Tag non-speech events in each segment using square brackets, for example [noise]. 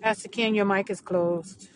Pastor Ken, your mic is closed.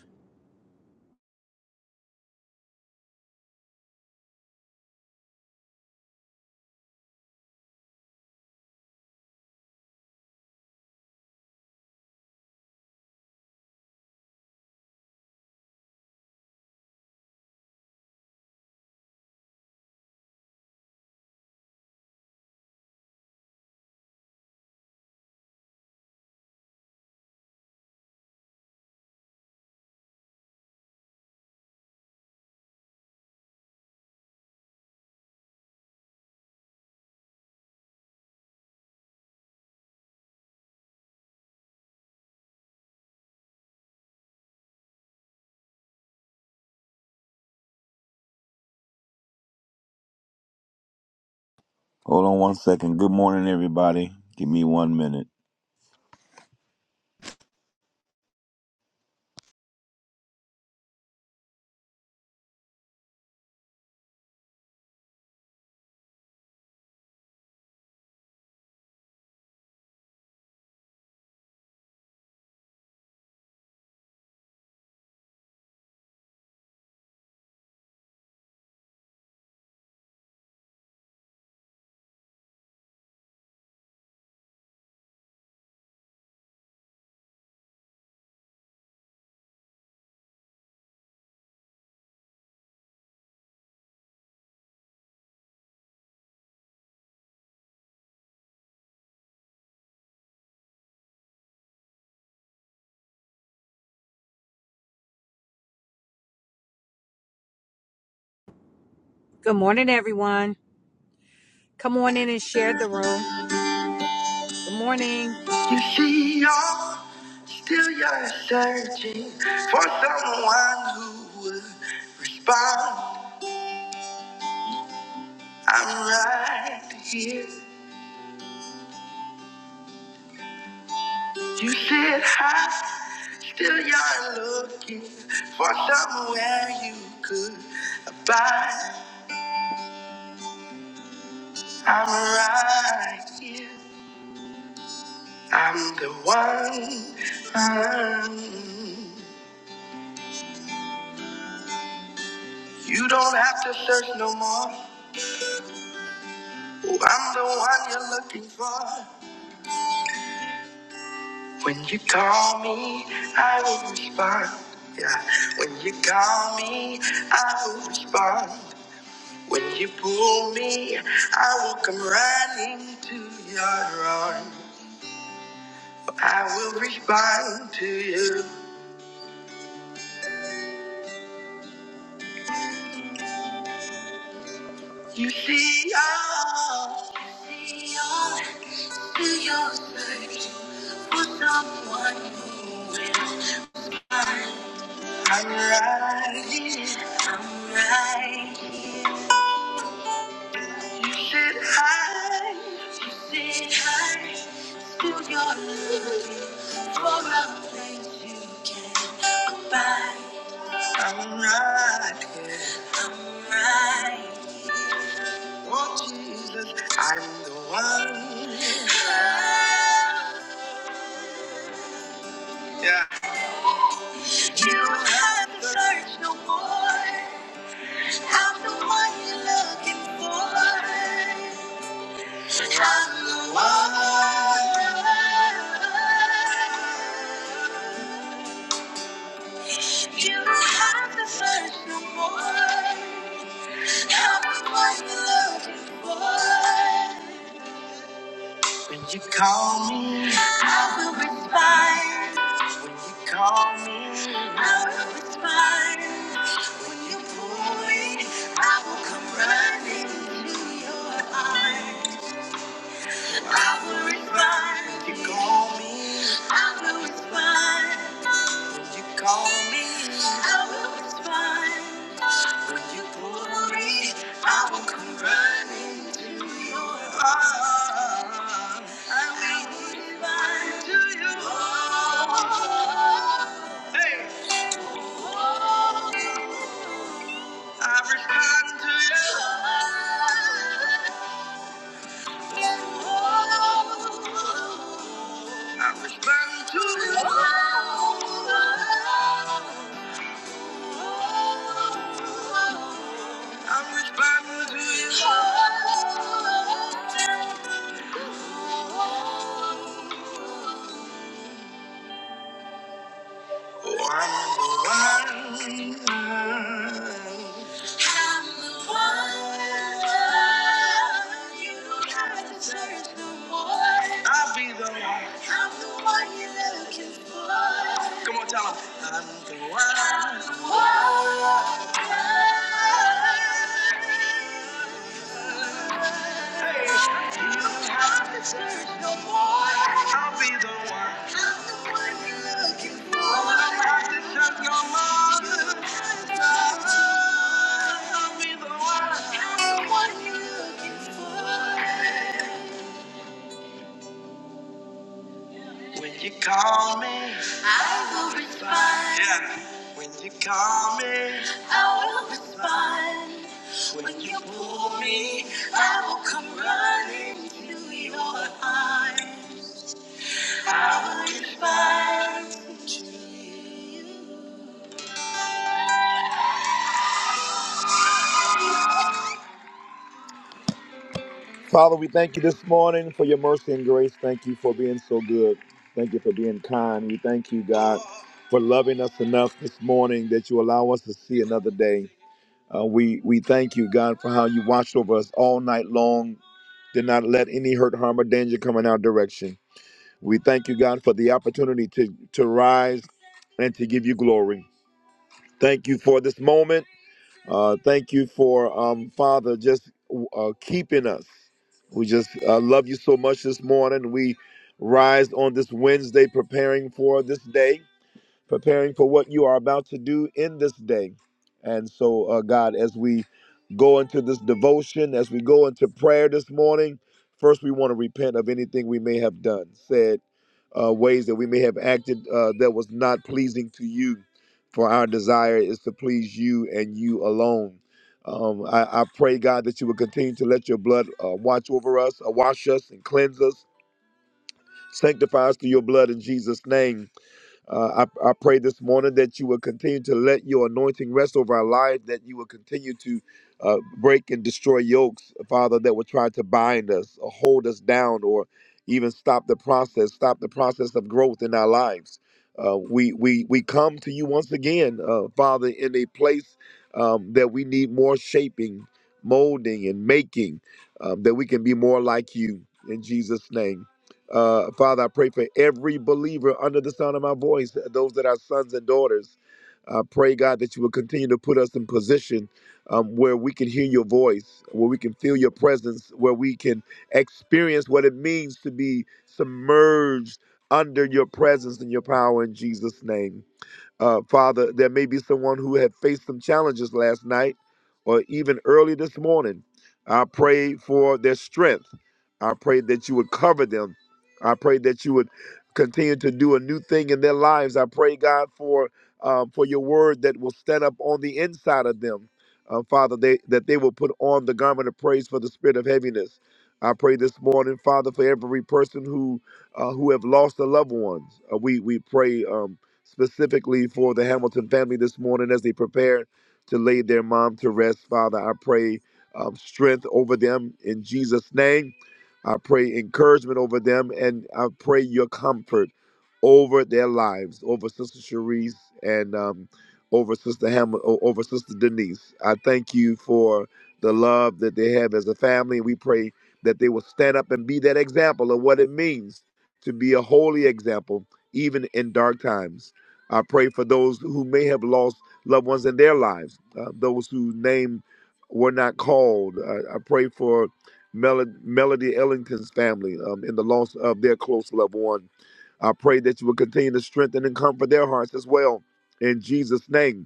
Hold on one second. Good morning, everybody. Give me one minute. Good morning, everyone. Come on in and share the room. Good morning. You see, y'all, still you're searching for someone who would respond. I'm right here. You sit high, still you're looking for somewhere you could abide. I'm right here. I'm the one. Mm. You don't have to search no more. I'm the one you're looking for. When you call me, I will respond. Yeah. When you call me, I will respond. When you pull me, I will come running to your arms. I will respond to you. You see all, you see all through your search for someone who will. I'm right here. I'm right here. You said hi. You said hi. Still you're looking for a place you can go by. I'm right here. I'm right. Oh Jesus, I'm the one. Yeah. You haven't searched no more. I'm the one you're looking for. When you call me, I will respond. When you call me, I will respond. When you pull me, I will come running to your arms. I will respond. You call me, I will respond. When you call me, I will respond. When you pull me, I will come running. Oh, I will respond to you. Hey, I respond to you. I respond to you. I'm Oh, the one. I'm the one you have to search no more. I'll be the one. I'm the one you're looking for. Come on, tell 'em. I'm the one. I'm the one. When you call me, I will respond. Yeah. When you call me, I will respond. When you pull me, I will come running to your arms. Father, we thank you this morning for your mercy and grace. Thank you for being so good. Thank you for being kind. We thank you, God, for loving us enough this morning that you allow us to see another day. Uh, we we thank you, God, for how you watched over us all night long. Did not let any hurt, harm, or danger come in our direction. We thank you, God, for the opportunity to to rise and to give you glory. Thank you for this moment. Uh, thank you for, um, Father, just uh, keeping us. We just uh, love you so much this morning. We rise on this Wednesday preparing for this day preparing for what you are about to do in this day. And so, uh, God, as we go into this devotion, as we go into prayer this morning, first we want to repent of anything we may have done, said, uh, ways that we may have acted uh, that was not pleasing to you. For our desire is to please you and you alone. Um, I, I pray, God, that you will continue to let your blood uh, watch over us, uh, wash us, and cleanse us, sanctify us through your blood in Jesus' name uh, I, I pray this morning that you will continue to let your anointing rest over our lives, that you will continue to uh, break and destroy yokes, Father, that would try to bind us or hold us down or even stop the process, stop the process of growth in our lives. Uh, we, we, we come to you once again, uh, Father, in a place um, that we need more shaping, molding, and making, um, that we can be more like you in Jesus' name. Uh, Father, I pray for every believer under the sound of my voice, uh, those that are sons and daughters. I pray, God, that you will continue to put us in position um, where we can hear your voice, where we can feel your presence, where we can experience what it means to be submerged under your presence and your power in Jesus' name. Uh, Father, there may be someone who had faced some challenges last night or even early this morning. I pray for their strength. I pray that you would cover them. I pray that you would continue to do a new thing in their lives. I pray, God, for uh, for your word that will stand up on the inside of them. Uh, Father, they, that they will put on the garment of praise for the spirit of heaviness. I pray this morning, Father, for every person who uh, who have lost a loved one. Uh, we we pray. Um, specifically for the Hamilton family this morning as they prepare to lay their mom to rest. Father, I pray um, strength over them in Jesus' name. I pray encouragement over them, and I pray your comfort over their lives, over Sister Cherise and um, over Sister Ham, over Sister Denise. I thank you for the love that they have as a family. We pray that they will stand up and be that example of what it means to be a holy example, even in dark times. I pray for those who may have lost loved ones in their lives, uh, those whose name were not called. I, I pray for Mel- Melody Ellington's family um, in the loss of their close loved one. I pray that you will continue to strengthen and comfort their hearts as well. In Jesus' name.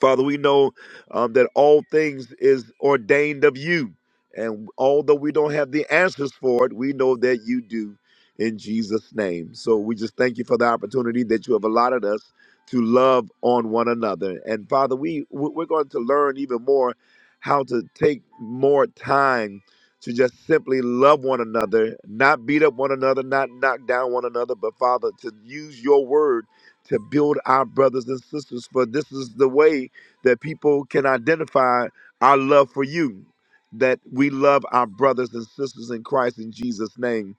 Father, we know um, that all things is ordained of you. And although we don't have the answers for it, we know that you do in Jesus' name. So we just thank you for the opportunity that you have allotted us to love on one another. And Father, we we- we're going to learn even more how to take more time to just simply love one another, not beat up one another, not knock down one another, but Father, to use your word to build our brothers and sisters. For this is the way that people can identify our love for you, that we love our brothers and sisters in Christ in Jesus' name.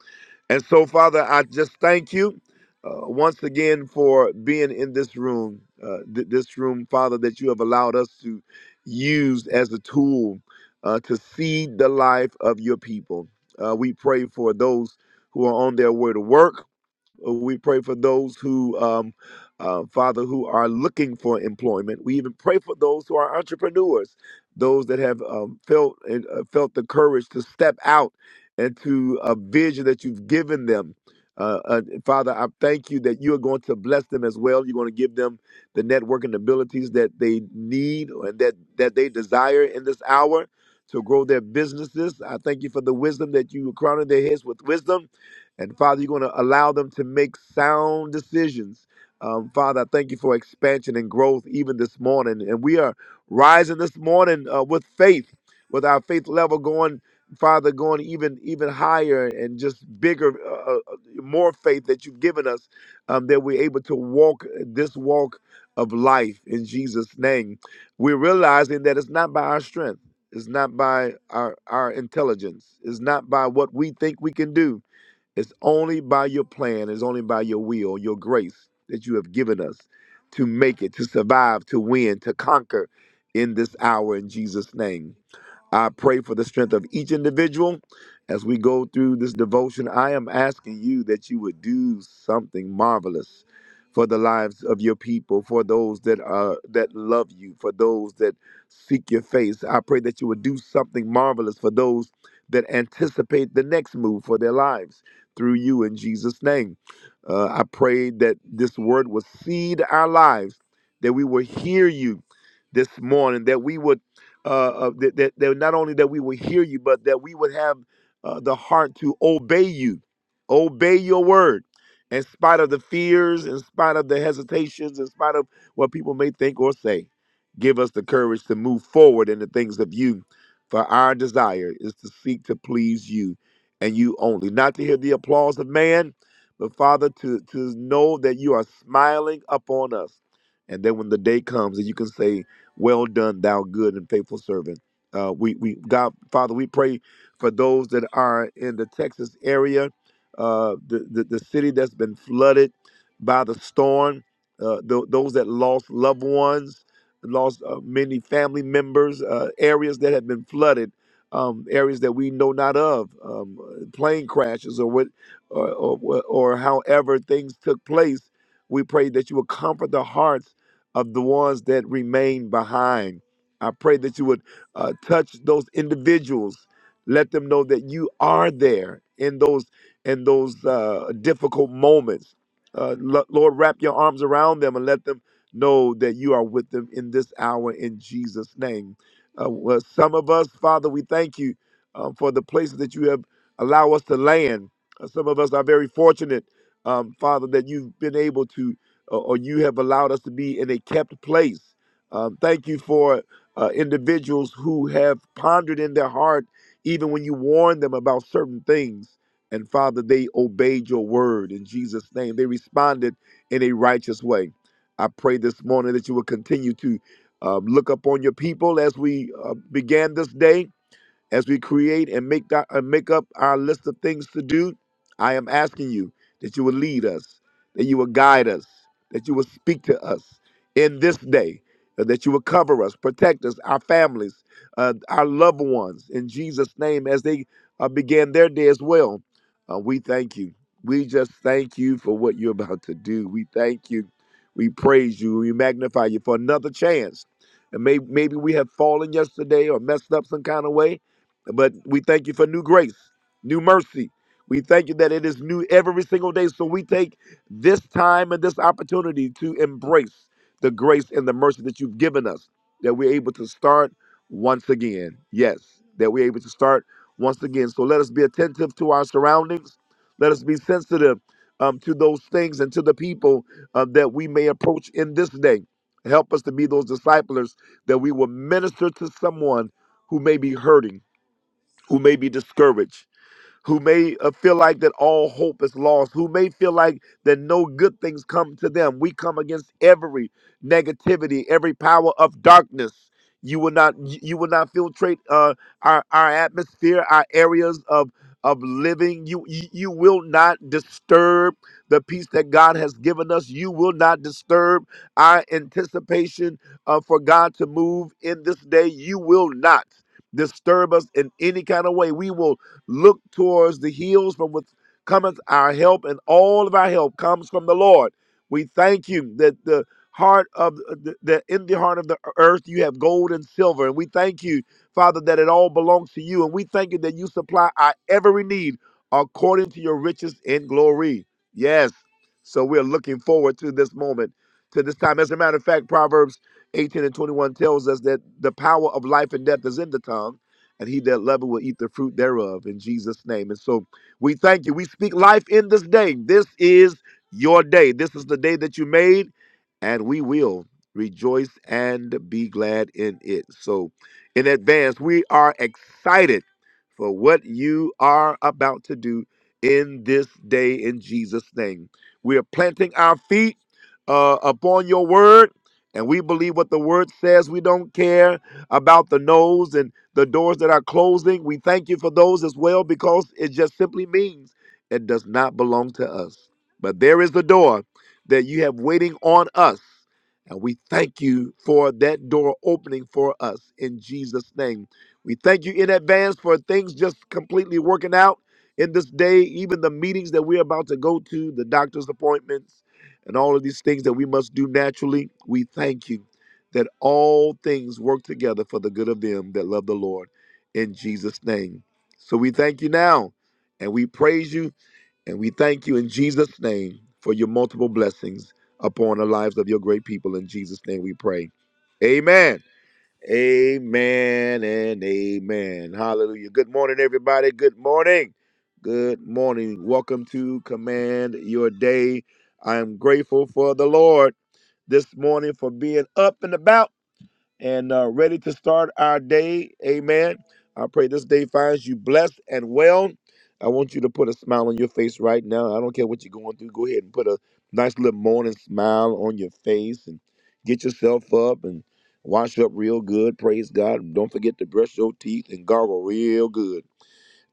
And so, Father, I just thank you uh, once again for being in this room, uh, th- this room, Father, that you have allowed us to use as a tool uh, to seed the life of your people. Uh, we pray for those who are on their way to work uh, We pray for those who, um, uh, Father, who are looking for employment. We even pray for those who are entrepreneurs, those that have um, felt and uh, felt the courage to step out into a vision that you've given them. Uh, uh, Father, I thank you that you are going to bless them as well. You're going to give them the networking abilities that they need and that that they desire in this hour to grow their businesses. I thank you for the wisdom that you are crowning their heads with wisdom and Father, you're going to allow them to make sound decisions. Um, Father, I thank you for expansion and growth even this morning. And we are rising this morning uh, with faith, with our faith level going, Father, going even even higher and just bigger, uh, uh, more faith that you've given us, um, that we're able to walk this walk of life in Jesus' name. We're realizing that it's not by our strength, it's not by our, our intelligence, it's not by what we think we can do it's only by your plan, it's only by your will, your grace that you have given us to make it, to survive, to win, to conquer in this hour in Jesus' name. I pray for the strength of each individual as we go through this devotion. I am asking you that you would do something marvelous for the lives of your people, for those that are that love you, for those that seek your face. I pray that you would do something marvelous for those that anticipate the next move for their lives through you in Jesus' name. Uh, I pray that this word will seed our lives, that we will hear you this morning, that we would, uh, uh, that, that, that not only that we will hear you, but that we would have uh, the heart to obey you, obey your word. In spite of the fears, in spite of the hesitations, in spite of what people may think or say, give us the courage to move forward in the things of you. For our desire is to seek to please you and you only. Not to hear the applause of man, but Father, to, to know that you are smiling upon us. And then when the day comes and you can say, Well done, thou good and faithful servant. Uh, we, we God Father, we pray for those that are in the Texas area, uh, the, the, the city that's been flooded by the storm, uh, tho- those that lost loved ones, lost uh, many family members, uh, areas that have been flooded um, areas that we know not of, um, uh, plane crashes or what, or, or, or however things took place. We pray that you would comfort the hearts of the ones that remain behind. I pray that you would uh, touch those individuals. Let them know that you are there in those in those uh, difficult moments. Uh, Lo- Lord, wrap your arms around them and let them know that you are with them in this hour in Jesus' name. Uh, well, some of us, Father, we thank you um, for the places that you have allowed us to land. Uh, some of us are very fortunate, um, Father, that you've been able to, uh, or you have allowed us to be in a kept place. Um, thank you for uh, individuals who have pondered in their heart, even when you warned them about certain things. And Father, they obeyed your word in Jesus' name. They responded in a righteous way. I pray this morning that you will continue to um, look upon your people as we uh, began this day. As we create and make, that, uh, make up our list of things to do, I am asking you that you will lead us, that you will guide us, that you will speak to us in this day, uh, that you will cover us, protect us, our families, uh, our loved ones, in Jesus' name, as they uh, began their day as well. Uh, we thank you. We just thank you for what you're about to do. We thank you. We praise you. We magnify you for another chance. And may, maybe we have fallen yesterday or messed up some kind of way but we thank you for new grace, new mercy. We thank you that it is new every single day. So we take this time and this opportunity to embrace the grace and the mercy that you've given us, that we're able to start once again. Yes, that we're able to start once again. So let us be attentive to our surroundings. Let us be sensitive um, to those things and to the people uh, that we may approach in this day. Help us to be those disciplers that we will minister to someone who may be hurting who may be discouraged, who may uh, feel like that all hope is lost, who may feel like that no good things come to them. We come against every negativity, every power of darkness. You will not, you you will not filtrate uh, our our atmosphere, our areas of of living. You you you will not disturb the peace that God has given us. You will not disturb our anticipation uh, for God to move in this day. You will not disturb us in any kind of way. We will Look towards the hills from which cometh our help, and all of our help comes from the Lord. We thank you that the heart of uh, the, that in the heart of the earth you have gold and silver, and we thank you, Father, that it all belongs to you, and we thank you that you supply our every need according to your riches in glory. Yes. So we're looking forward to this moment, to this time. As a matter of fact, Proverbs 18 and 21 tells us that the power of life and death is in the tongue and he that loveth will eat the fruit thereof in Jesus' name. And so we thank you. We speak life in this day. This is your day. This is the day that you made, and we will rejoice and be glad in it. So, in advance, we are excited for what you are about to do in this day in Jesus' name. We are planting our feet uh, upon your word, and we believe what the word says. We don't care about the no's and the doors that are closing, we thank you for those as well because it just simply means it does not belong to us. But there is the door that you have waiting on us. And we thank you for that door opening for us in Jesus' name. We thank you in advance for things just completely working out in this day, even the meetings that we're about to go to, the doctor's appointments, and all of these things that we must do naturally. We thank you that all things work together for the good of them that love the Lord in Jesus' name. So we thank you now and we praise you and we thank you in Jesus' name for your multiple blessings upon the lives of your great people. In Jesus' name we pray. Amen. Amen and amen. Hallelujah. Good morning, everybody. Good morning. Good morning. Welcome to Command Your Day. I am grateful for the Lord this morning for being up and about and uh, ready to start our day. Amen. I pray this day finds you blessed and well. I want you to put a smile on your face right now. I don't care what you're going through. Go ahead and put a nice little morning smile on your face and get yourself up and wash up real good. Praise God. Don't forget to brush your teeth and gargle real good.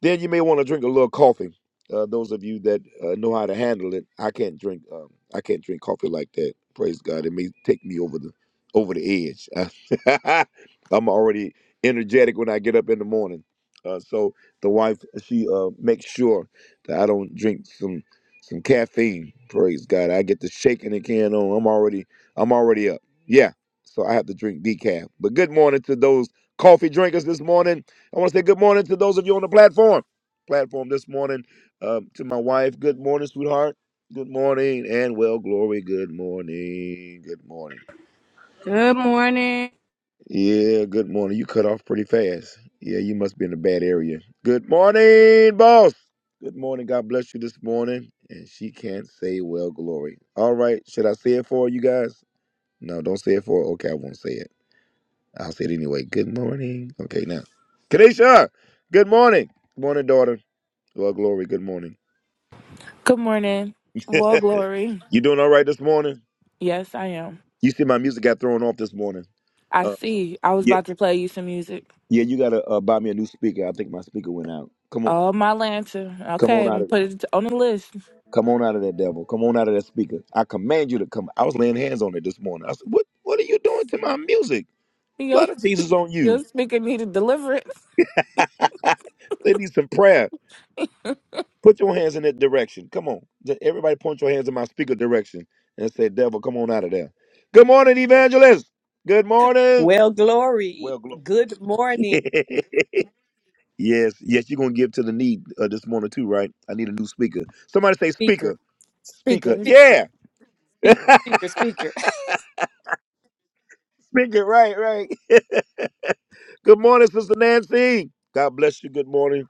Then you may want to drink a little coffee. Uh, those of you that uh, know how to handle it, I can't drink. Um, I can't drink coffee like that. Praise God! It may take me over the over the edge. [laughs] I'm already energetic when I get up in the morning. Uh, so the wife she uh, makes sure that I don't drink some some caffeine. Praise God! I get the shaking the can on. I'm already I'm already up. Yeah. So I have to drink decaf. But good morning to those coffee drinkers this morning. I want to say good morning to those of you on the platform. Platform this morning um, to my wife. Good morning, sweetheart. Good morning, and well, glory. Good morning. Good morning. Good morning. Yeah, good morning. You cut off pretty fast. Yeah, you must be in a bad area. Good morning, boss. Good morning. God bless you this morning. And she can't say well, glory. All right. Should I say it for her, you guys? No, don't say it for her. Okay, I won't say it. I'll say it anyway. Good morning. Okay, now. Kadesha, good morning. Good morning, daughter. Well, Glory, good morning. Good morning. [laughs] Well, Glory. you doing all right this morning? Yes, I am. You see, my music got thrown off this morning. I Uh, see. I was yeah, about to play you some music. yeah. You gotta uh, buy me a new speaker. I think my speaker went out. Come on, Oh, my lantern. come Okay, on I'm out gonna of, put it on the list. come on out of that devil. Come on out of that speaker. I command you to come. I was laying hands on it this morning. I said, "What, what are you doing to my music? [laughs] Your Blood of Jesus on your you. speaker needed deliverance. [laughs] they need some prayer. Put your hands in that direction. Come on, Just everybody, point your hands in my speaker direction and say, "Devil, come on out of there." Good morning, evangelist. Good morning. Well, glory. Well, glory. Good [laughs] morning, yes, yes, you're gonna give to the need uh, this morning too, right? I need a new speaker. Somebody say speaker, speaker, speaker. Speaker. speaker, Yeah, [laughs] speaker, speaker, speaker. speaker. Right, right. [laughs] Good morning, Sister Nancy. God bless you. Good morning.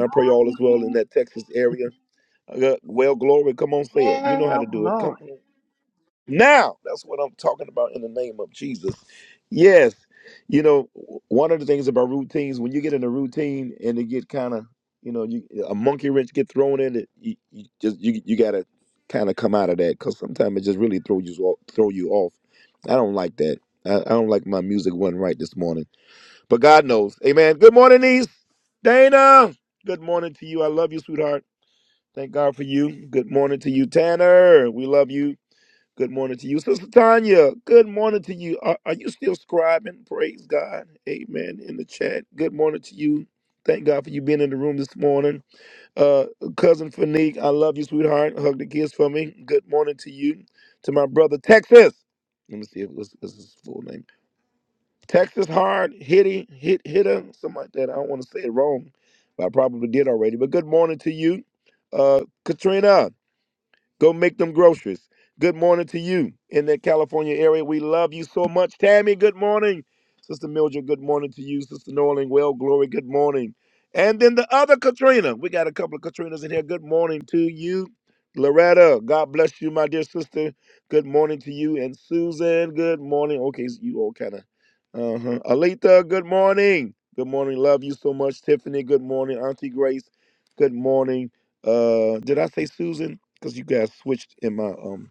I pray all is well in that Texas area. Uh, Well, glory. Come on, say it. You know how Well, to do it. glory. Come on. Now, that's what I'm talking about in the name of Jesus. Yes. You know, one of the things about routines, when you get in a routine and it get kind of, you know, you a monkey wrench get thrown in it, you, you just you you gotta kind of come out of that because sometimes it just really throw you off, throw you off. I don't like that. I, I don't like my music wasn't right this morning, but God knows. Amen. Good morning, niece Dana. Good morning to you. I love you, sweetheart. Thank God for you. Good morning to you, Tanner. We love you. Good morning to you, Sister Tanya. Good morning to you. Are, are you still scribing? Praise God. Amen. In the chat. Good morning to you. Thank God for you being in the room this morning. Uh, cousin Fanique, I love you, sweetheart. Hug the kiss for me. Good morning to you. To my brother Texas. Let me see if what's, what's his full name. Texas Hard Hitty Hit Hitter, something like that. I don't want to say it wrong, but I probably did already. But good morning to you, uh, Katrina. Go make them groceries. Good morning to you in that California area. We love you so much. Tammy, good morning. Sister Mildred, good morning to you. Sister Norling, well, glory, good morning. And then the other Katrina. We got a couple of Katrinas in here. Good morning to you. Loretta, God bless you, my dear sister. Good morning to you. And Susan, good morning. Okay, so you all kind of. Uh-huh. Alita, good morning. Good morning. Love you so much. Tiffany, good morning. Auntie Grace, good morning. Uh, did I say Susan? because you guys switched in my um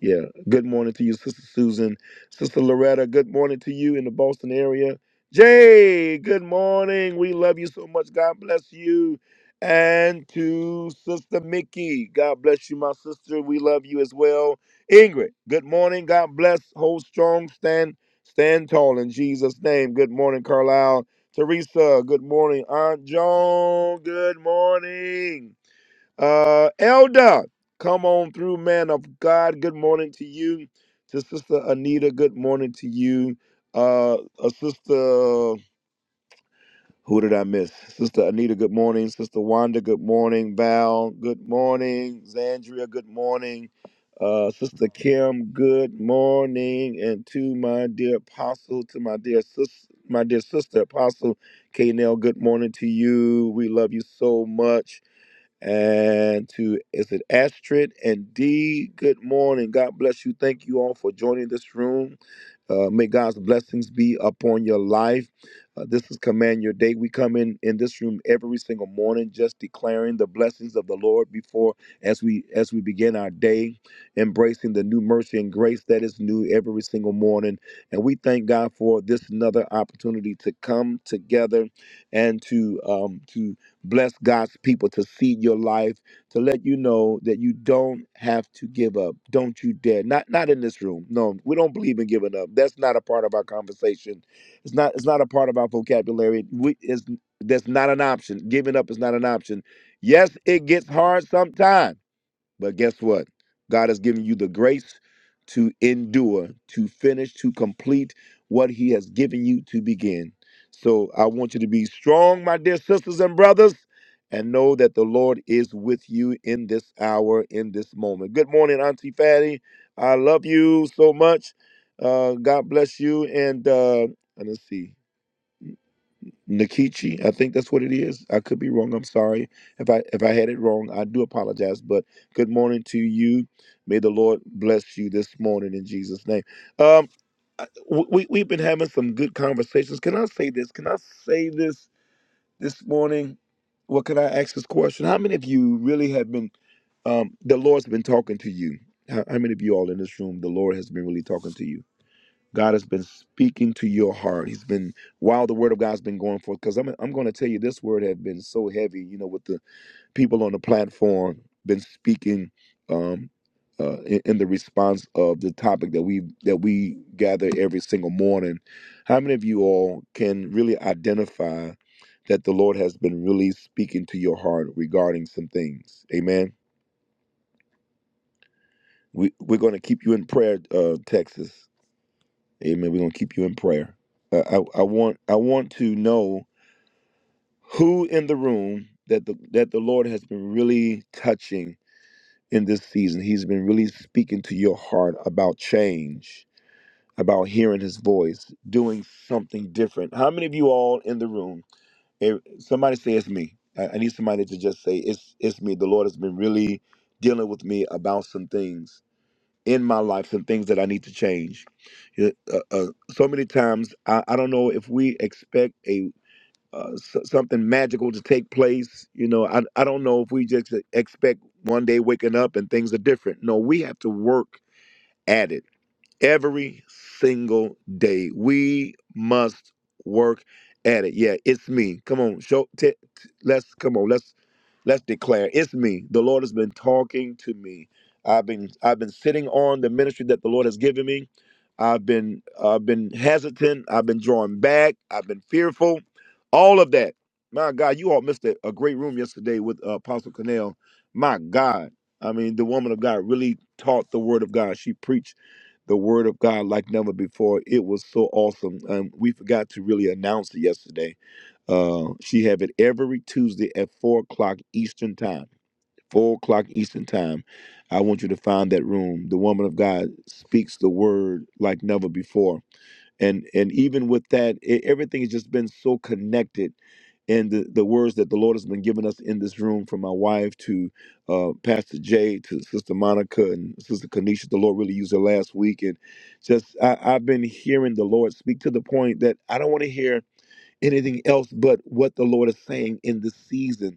yeah good morning to you sister susan sister loretta good morning to you in the boston area jay good morning we love you so much god bless you and to sister mickey god bless you my sister we love you as well ingrid good morning god bless hold strong stand stand tall in jesus name good morning carlisle teresa good morning aunt joan good morning uh, Elder, come on through, man of God. Good morning to you. To Sister Anita, good morning to you. Uh, uh, Sister, who did I miss? Sister Anita, good morning. Sister Wanda, good morning. Val, good morning. Zandria, good morning. Uh, Sister Kim, good morning. And to my dear apostle, to my dear sis, my dear sister apostle, Knell, good morning to you. We love you so much and to is it Astrid and D. Good morning. God bless you. Thank you all for joining this room. Uh, may God's blessings be upon your life. Uh, this is Command Your Day. We come in in this room every single morning, just declaring the blessings of the Lord before as we as we begin our day, embracing the new mercy and grace that is new every single morning. And we thank God for this another opportunity to come together and to um, to bless God's people to see your life, to let you know that you don't have to give up. Don't you dare. Not not in this room. No, we don't believe in giving up. That's not a part of our conversation. It's not it's not a part of our vocabulary. We is that's not an option. Giving up is not an option. Yes, it gets hard sometimes. But guess what? God has given you the grace to endure, to finish, to complete what He has given you to begin. So I want you to be strong, my dear sisters and brothers, and know that the Lord is with you in this hour, in this moment. Good morning, Auntie Fatty. I love you so much. Uh, God bless you. And uh, and let's see. Nikichi, I think that's what it is. I could be wrong. I'm sorry if I if I had it wrong. I do apologize. But good morning to you. May the Lord bless you this morning in Jesus' name. Um, I- w- we we've been having some good conversations. Can I say this? Can I say this this morning? What can I ask this question? How many of you really have been? Um, the Lord's been talking to you. How, how many of you all in this room? The Lord has been really talking to you God has been speaking to your heart. He's been while the word of God's been going forth. Because I'm I'm going to tell you, this word has been so heavy. You know, with the people on the platform been speaking um, uh, in, in the response of the topic that we that we gather every single morning. How many of you all can really identify that the Lord has been really speaking to your heart regarding some things? Amen. We we're going to keep you in prayer, uh, Texas. Amen. We're gonna keep you in prayer. Uh, I, I want I want to know who in the room that the that the Lord has been really touching in this season. He's been really speaking to your heart about change, about hearing His voice, doing something different. How many of you all in the room? eh, somebody say it's me. I, I need somebody to just say it's it's me. The Lord has been really dealing with me about some things in my life some things that I need to change. Yeah, Uh, uh, so many times, I, I don't know if we expect a uh, s- something magical to take place. You know, I, I don't know if we just expect one day waking up and things are different. No, we have to work at it every single day. We must work at it. Yeah, it's me. Come on, show. T- t- let's come on. Let's let's declare it's me. The Lord has been talking to me. I've been I've been sitting on the ministry that the Lord has given me. I've been I've been hesitant. I've been drawing back. I've been fearful. All of that. My God, you all missed a, a great room yesterday with uh, Apostle Connell. My God, I mean, the woman of God really taught the Word of God. She preached the word of God like never before. It was so awesome. Um, we forgot to really announce it yesterday. Uh, she have it every Tuesday at four o'clock Eastern time. Four o'clock Eastern time. I want you to find that room. The woman of God speaks the word like never before and and even with that it, everything has just been so connected and the, the words that the lord has been giving us in this room from my wife to uh, pastor jay to sister monica and sister kanisha the lord really used her last week and just I, i've been hearing the lord speak to the point that i don't want to hear anything else but what the lord is saying in this season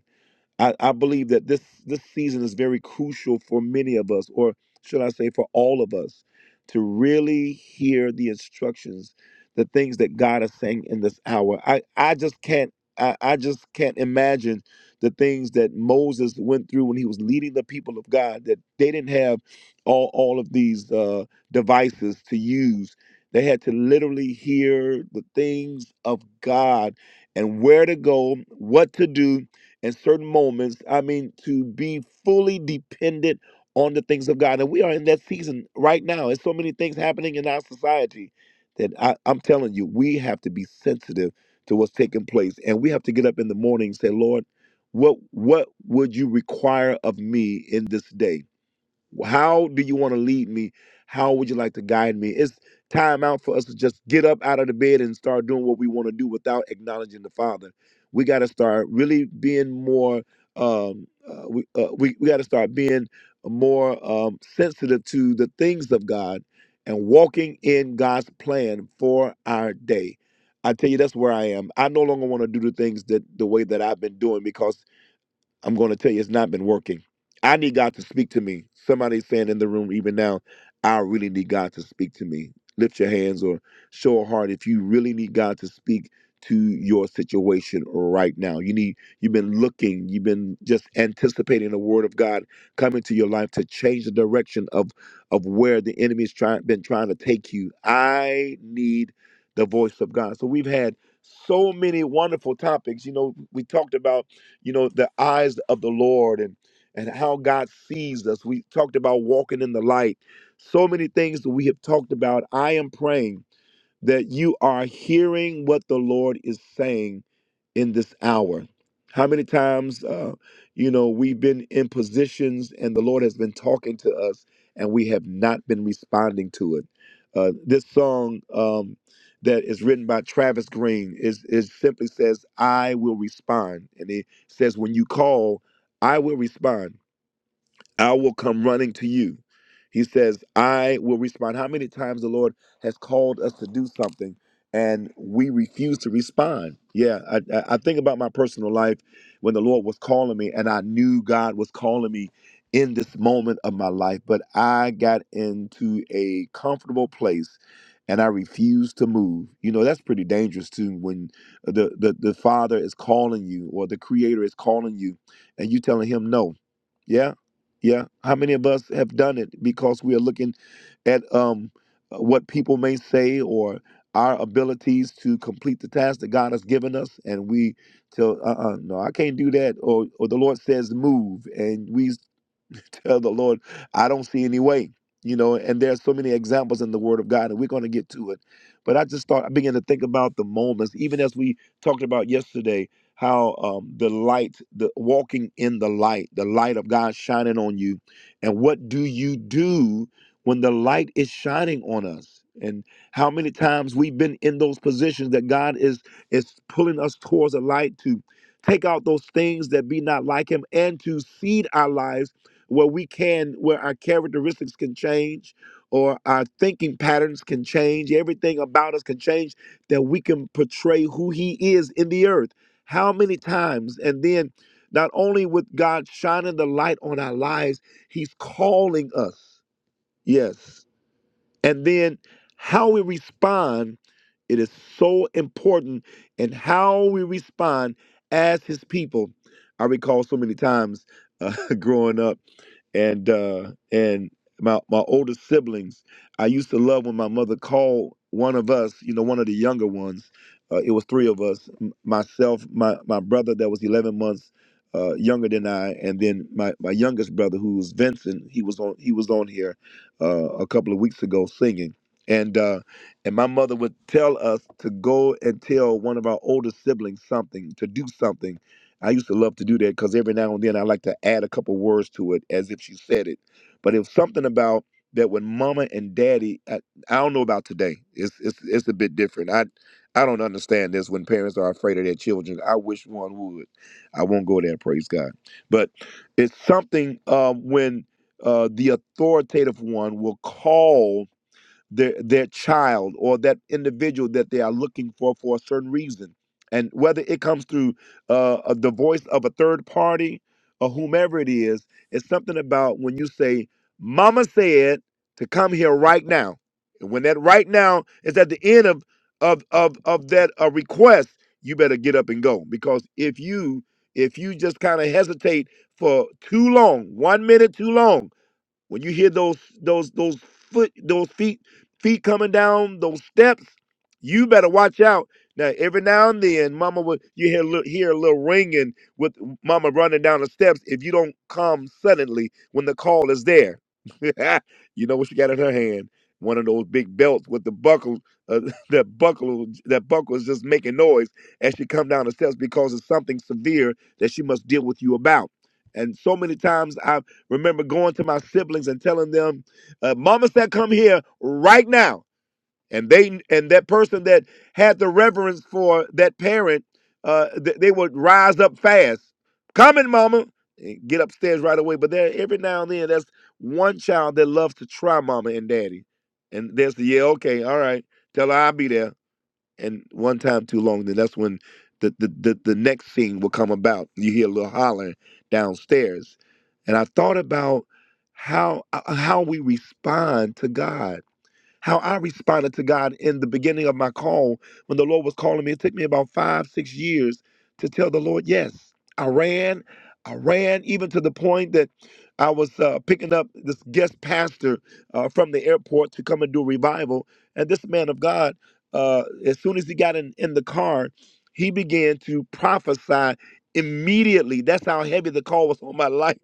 I, I believe that this this season is very crucial for many of us, or should I say for all of us, to really hear the instructions, the things that God is saying in this hour. I, I just can't I, I just can't imagine the things that Moses went through when he was leading the people of God, that they didn't have all, all of these uh, devices to use. They had to literally hear the things of God and where to go, what to do, in certain moments. I mean, to be fully dependent on the things of God. And we are in that season right now. There's so many things happening in our society that I, I'm telling you, we have to be sensitive to what's taking place. And we have to get up in the morning and say, Lord, what what would you require of me in this day? How do you want to lead me? How would you like to guide me? It's time out for us to just get up out of the bed and start doing what we want to do without acknowledging the Father. We got to start really being more. Um, uh, we uh, we, we got to start being more um, sensitive to the things of God and walking in God's plan for our day. I tell you, that's where I am. I no longer want to do the things that the way that I've been doing because I'm going to tell you, it's not been working. I need God to speak to me. Somebody's saying in the room, even now, I really need God to speak to me. Lift your hands or show a heart if you really need God to speak to your situation right now. You need you've been looking, you've been just anticipating the word of God coming to your life to change the direction of of where the enemy's trying been trying to take you. I need the voice of God. So we've had so many wonderful topics. You know, we talked about you know, the eyes of the Lord and and how God sees us. We talked about walking in the light. So many things that we have talked about. I am praying that you are hearing what the Lord is saying in this hour. How many times, uh, you know, we've been in positions and the Lord has been talking to us and we have not been responding to it. Uh, this song um, that is written by Travis Green is it simply says, "I will respond," and it says, "When you call, I will respond." I will come running to you. He says, I will respond. How many times the Lord has called us to do something and we refuse to respond? Yeah, I, I I think about my personal life when the Lord was calling me and I knew God was calling me in this moment of my life, but I got into a comfortable place and I refused to move. You know, that's pretty dangerous too when the, the, the Father is calling you or the Creator is calling you and you telling Him no. Yeah yeah. How many of us have done it because we are looking at um, uh, what people may say or our abilities to complete the task that God has given us, and we tell, uh, uh no, I can't do that, or or the Lord says move, and we [laughs] tell the Lord, I don't see any way. You know, and there's so many examples in the Word of God, and we're going to get to it. But I just thought I began to think about the moments, even as we talked about yesterday, how um, the light, the walking in the light, the light of God shining on you, and what do you do when the light is shining on us? And how many times we've been in those positions that God is is pulling us towards the light to take out those things that be not like Him and to seed our lives where we can where our characteristics can change or our thinking patterns can change everything about us can change that we can portray who he is in the earth how many times and then not only with god shining the light on our lives he's calling us yes and then how we respond, it is so important. And how we respond as his people. I recall so many times uh, [laughs] growing up and uh, and my, my older siblings, I used to love when my mother called one of us, you know, one of the younger ones. Uh, it was three of us, m- myself, my, my brother that was 11 months uh, younger than I, and then my, my youngest brother who was Vincent, he was on he was on here uh, a couple of weeks ago singing. And uh, and my mother would tell us to go and tell one of our older siblings something, to do something. I used to love to do that because every now and then I like to add a couple words to it as if she said it. But it was something about that when mama and daddy, I, I don't know about today. It's, it's it's a bit different. I I don't understand this when parents are afraid of their children. I wish one would. I won't go there, praise God. But it's something um, when uh, the authoritative one will call their their child or that individual that they are looking for for a certain reason, and whether it comes through uh, uh, the voice of a third party or whomever it is, it's something about when you say, "Mama said to come here right now," and when that right now is at the end of of of of that uh, request, you better get up and go because if you if you just kind of hesitate for too long, one minute too long when you hear those those those foot those feet feet coming down those steps, you better watch out. Now every now and then, Mama would you hear a little, hear a little ringing with Mama running down the steps. If you don't come suddenly when the call is there, [laughs] you know what she got in her hand. One of those big belts with the buckle, uh, [laughs] that buckle, that buckle is just making noise as she come down the steps because it's something severe that she must deal with you about. And so many times I remember going to my siblings and telling them, uh, "Mama said, come here right now." And they and that person that had the reverence for that parent, uh, th- they would rise up fast. Coming, Mama, and get upstairs right away. But there, every now and then, there's one child that loves to try Mama and Daddy, and there's the yeah, okay, all right, tell her I'll be there and one time too long, then that's when the the the, the next scene will come about. You hear a little hollering downstairs, and I thought about how uh, how we respond to God how I responded to God in the beginning of my call when the Lord was calling me. It took me about five, six years to tell the Lord, yes, I ran. I ran even to the point that I was uh, picking up this guest pastor uh, from the airport to come and do a revival. And this man of God, uh, as soon as he got in, in the car, he began to prophesy immediately. That's how heavy the call was on my [laughs] life.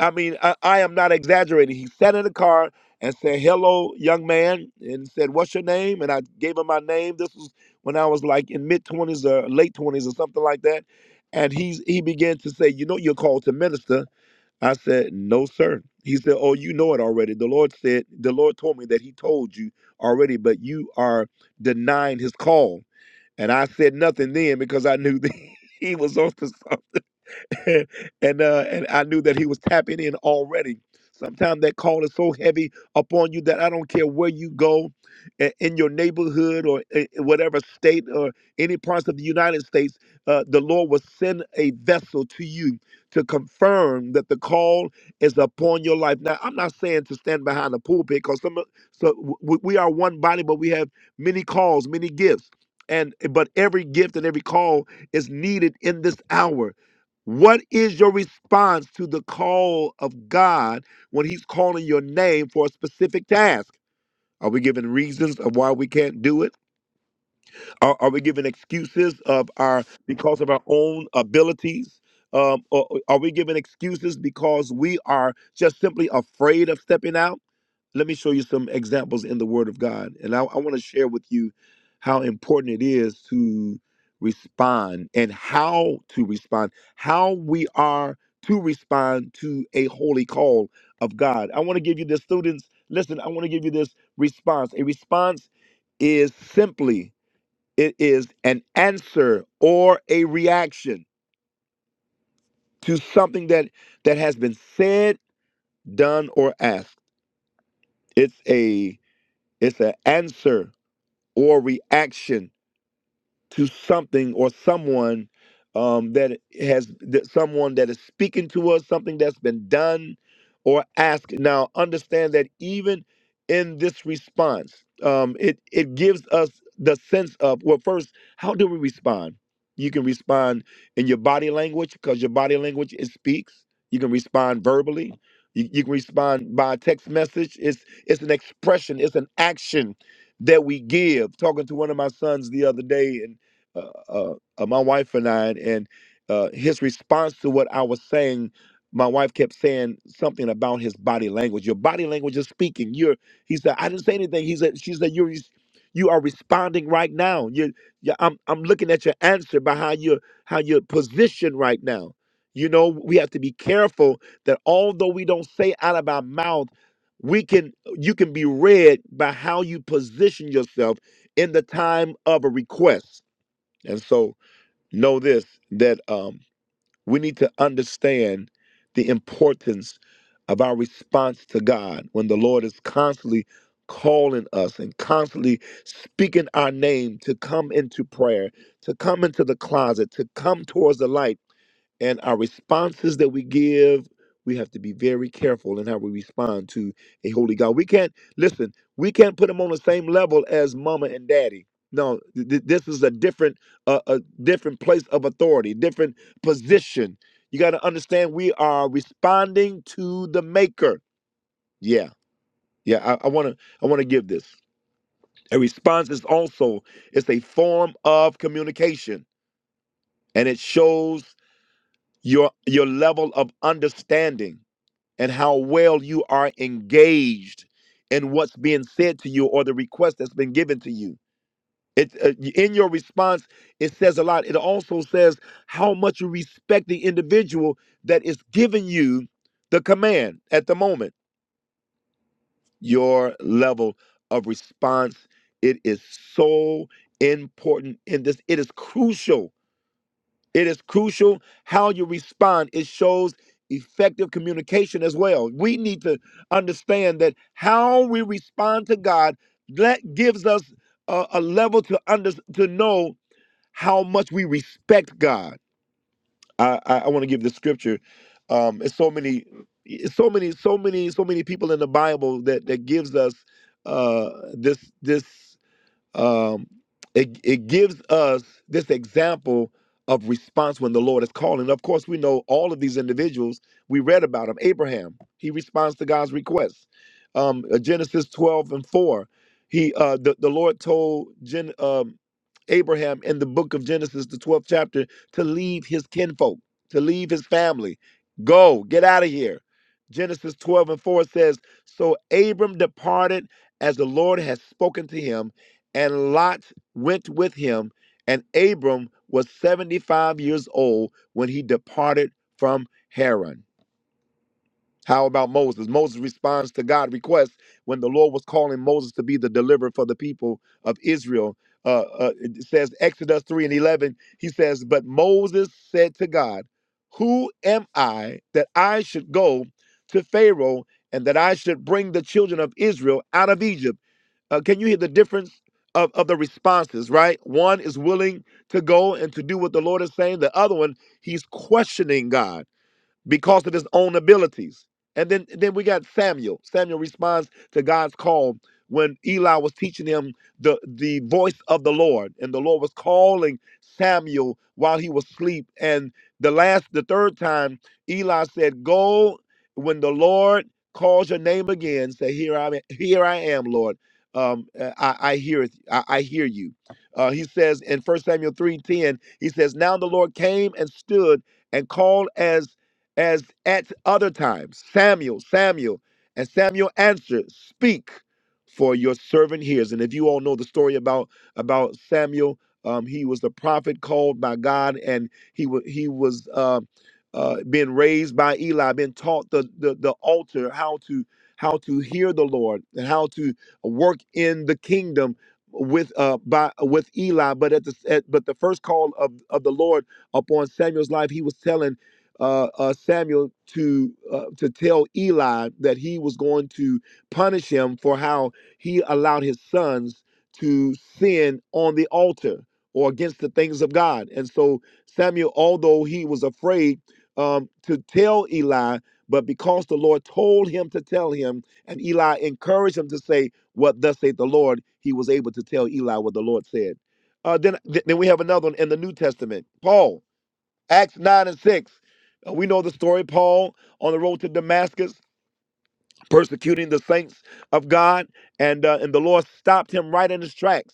I mean, I, I am not exaggerating. He sat in the car and said, Hello, young man, and said, What's your name? And I gave him my name. This was when I was like in mid 20s or late 20s or something like that. And he's, he began to say, You know, you're called to minister. I said, No, sir. He said, Oh, you know it already. The Lord said, The Lord told me that He told you already, but you are denying His call. And I said nothing then because I knew that [laughs] he was on to something. [laughs] and and, uh, and I knew that he was tapping in already. Sometimes that call is so heavy upon you that I don't care where you go, i- in your neighborhood or i- in whatever state or any parts of the United States, uh, the Lord will send a vessel to you to confirm that the call is upon your life. Now, I'm not saying to stand behind the pulpit because some of- so w- w- we are one body, but we have many calls, many gifts, and but every gift and every call is needed in this hour. What is your response to the call of God when He's calling your name for a specific task? Are we giving reasons of why we can't do it? Are, are we giving excuses of our because of our own abilities? Um, or, or are we giving excuses because we are just simply afraid of stepping out? Let me show you some examples in the Word of God. And I, I want to share with you how important it is to respond and how to respond, how we are to respond to a holy call of God. I want to give you this, students. Listen, I want to give you this response. A response is simply it is an answer or a reaction to something that that has been said, done, or asked. It's a it's an answer or reaction to something or someone um, that has that someone that is speaking to us, something that's been done or asked. Now, understand that even in this response, um, it it gives us the sense of well, first, how do we respond? You can respond in your body language because your body language it speaks. You can respond verbally. You, you can respond by text message. It's it's an expression. It's an action that we give. Talking to one of my sons the other day, and uh, uh, uh, my wife and I, and uh, his response to what I was saying, my wife kept saying something about his body language. Your body language is speaking. You're, he said, I didn't say anything. He said, she said, you're, res- you are responding right now. You, you, I'm, I'm looking at your answer by how you're, how you're positioned right now. You know, we have to be careful that although we don't say out of our mouth, we can, you can be read by how you position yourself in the time of a request and so know this that um, we need to understand the importance of our response to God when the Lord is constantly calling us and constantly speaking our name to come into prayer, to come into the closet, to come towards the light and our responses that we give we have to be very careful in how we respond to a holy god we can't listen we can't put them on the same level as mama and daddy no th- th- this is a different uh, a different place of authority different position you got to understand we are responding to the maker yeah yeah i want to i want to give this a response is also it's a form of communication and it shows your your level of understanding and how well you are engaged in what's being said to you or the request that's been given to you. It, uh, in your response, it says a lot. It also says how much you respect the individual that is giving you the command at the moment. Your level of response, it is so important in this. It is crucial it is crucial how you respond. It shows effective communication as well. We need to understand that how we respond to God that gives us a, a level to under to know how much we respect God. I I, I want to give the scripture. Um, it's so many, it's so many, so many, so many people in the Bible that that gives us uh, this this um, it, it gives us this example of response when the Lord is calling. Of course, we know all of these individuals. We read about him. Abraham, he responds to God's request. Um, uh, Genesis 12 and 4, he uh, the, the Lord told Gen, um, Abraham in the book of Genesis, the 12th chapter, to leave his kinfolk, to leave his family. Go, get out of here. Genesis 12 and 4 says, So Abram departed as the Lord had spoken to him and Lot went with him, and Abram was 75 years old when he departed from Haran. How about Moses? Moses responds to God's request when the Lord was calling Moses to be the deliverer for the people of Israel. Uh, uh, it says Exodus 3 and 11, he says, But Moses said to God, Who am I that I should go to Pharaoh and that I should bring the children of Israel out of Egypt? Uh, can you hear the difference of, of the responses, right? One is willing to go and to do what the Lord is saying, the other one, he's questioning God because of his own abilities. And then then we got Samuel. Samuel responds to God's call when Eli was teaching him the the voice of the Lord, and the Lord was calling Samuel while he was asleep. And the last, the third time, Eli said, "Go when the Lord calls your name again. Say, here I am, here I am, Lord. Um, uh, I, I hear it. I, I hear you." Uh, he says in First Samuel three ten, he says, "Now the Lord came and stood and called as." as at other times, Samuel, Samuel. And Samuel answered, Speak, for your servant hears. And if you all know the story about about Samuel, um, he was the prophet called by God, and he was he was uh, uh, being raised by Eli, being taught the, the the altar how to how to hear the Lord and how to work in the kingdom with uh by with Eli. But at the at, but the first call of of the Lord upon Samuel's life, he was telling uh, uh, Samuel to uh, to tell Eli that he was going to punish him for how he allowed his sons to sin on the altar or against the things of God. And so Samuel, although he was afraid um, to tell Eli, but because the Lord told him to tell him, and Eli encouraged him to say, "What thus saith the Lord," he was able to tell Eli what the Lord said. Uh, then, th- then we have another one in the New Testament, Paul. Acts 9 and 6. Uh, We know the story, Paul on the road to Damascus persecuting the saints of God, and uh, and the Lord stopped him right in his tracks,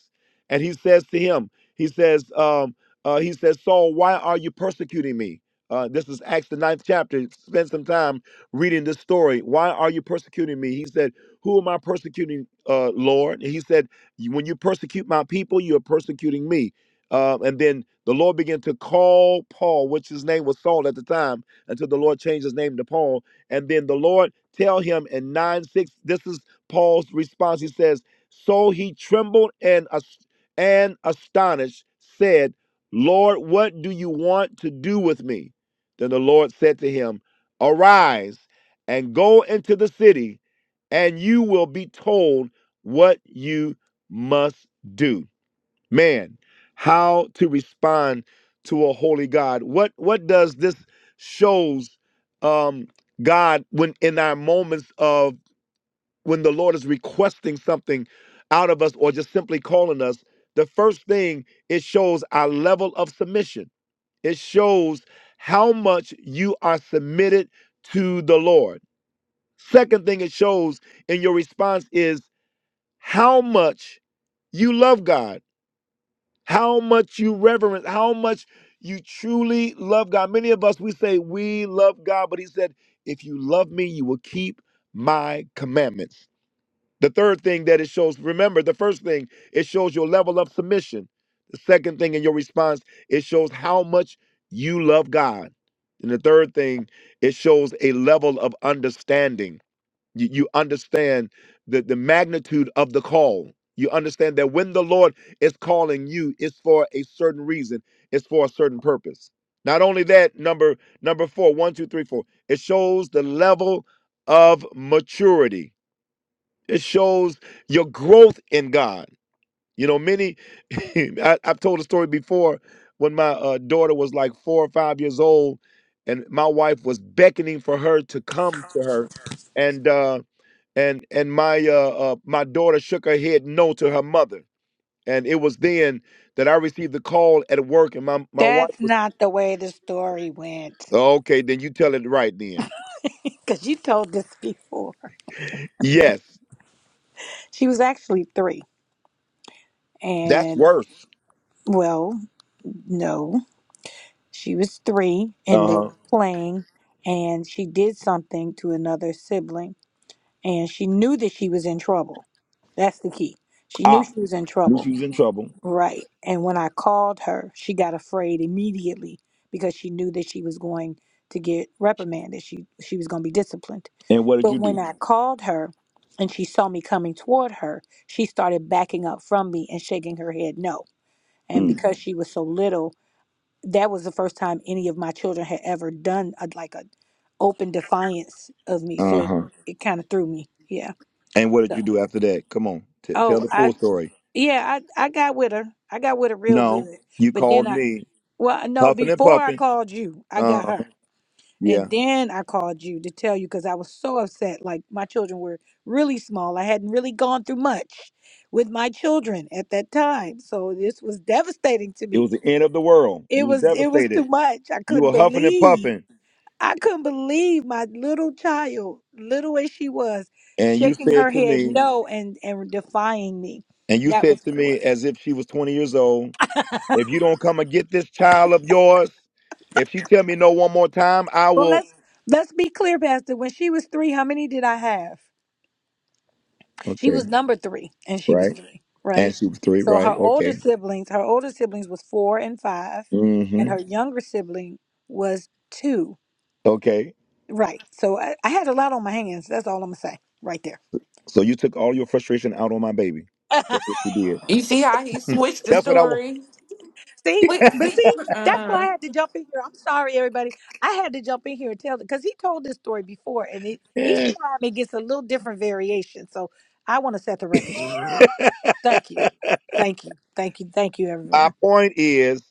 and he says to him, he says, um, uh, he says, Saul, why are you persecuting me? Uh, this is Acts the ninth chapter. Spend some time reading this story. Why are you persecuting me? He said, Who am I persecuting, uh, Lord? And he said, "You- When you persecute my people, you are persecuting me. Uh, and then the Lord began to call Paul, which his name was Saul at the time, until the Lord changed his name to Paul and then the Lord tell him in 9 6, this is Paul's response. He says, So he trembled and, as- and astonished, said, Lord, what do you want to do with me? Then the Lord said to him, Arise and go into the city, and you will be told what you must do man how to respond to a holy god what what does this shows um god when in our moments of when the lord is requesting something out of us or just simply calling us the first thing it shows our level of submission it shows how much you are submitted to the lord second thing it shows in your response is how much you love god how much you reverence, how much you truly love God. Many of us, we say we love God, but He said, if you love me, you will keep my commandments. The third thing that it shows, remember, the first thing, it shows your level of submission. The second thing in your response, it shows how much you love God. And the third thing, it shows a level of understanding. You, you understand the, the magnitude of the call. You understand that when the Lord is calling you, it's for a certain reason, it's for a certain purpose. Not only that, number number four, one, two, three, four, it shows the level of maturity. It shows your growth in God. You know, many [laughs] I, I've told a story before when my uh, daughter was like four or five years old, and my wife was beckoning for her to come to her, and uh, and and my uh, uh my daughter shook her head no to her mother and it was then that i received the call at work and my my wife That's was not the way the story went. okay then you tell it right then Because you told this [laughs] before. yes She was actually three. that's And, worse well, no, she was three and they were uh-huh playing. And she did something to another sibling. And she knew that she was in trouble. That's the key. She knew ah she was in knew trouble. she was in trouble Right. And when I called her, she got afraid immediately because she knew that she was going to get reprimanded. She she was going to be disciplined. and what did But you when do I called her and she saw me coming toward her, she started backing up from me and shaking her head no. And Mm, because she was so little, that was the first time any of my children had ever done a, like a open defiance of me. So it, uh-huh it kind of threw me. Yeah. and what did So, you do after that come on t- tell oh, the I full story yeah, I I got with her. I got with her real no good. you But then called I me Well, no, huffing and before I puffing called you, I got uh her. yeah And then I called you to tell you because I was so upset. Like, my children were really small. I hadn't really gone through much with my children at that time. So this was devastating to it me. was the end of the world you It was was it was too devastated much. I you couldn't were huffing and believe. puffing I couldn't believe my little child, little as she was, and you shaking said her to head me no and and defying me. And you That said was to what it was. me as if she was 20 years old, if you don't come and get this child of yours, if she tell me no one more time, I Well, will. let's let's be clear, Pastor. When she was 3, how many did I have? She Okay, was number three, and she was right. three, right? And she was three, So her right? older Okay. siblings, her older siblings was four and five, and Mm-hmm. her younger sibling was two, Okay. right? So I, I had a lot on my hands. That's all I'm gonna say right there. So you took all your frustration out on my baby. [laughs] That's what you did. You see how he switched [laughs] the That's what I want. story? see, Wait, but see. see, that's why Uh, I had to jump in here. I'm sorry, everybody. I had to jump in here and tell because he told this story before, and it, each [laughs] time it gets a little different variation. So I want to set the record straight. Thank you, thank you, thank you, thank you, everyone. My point is,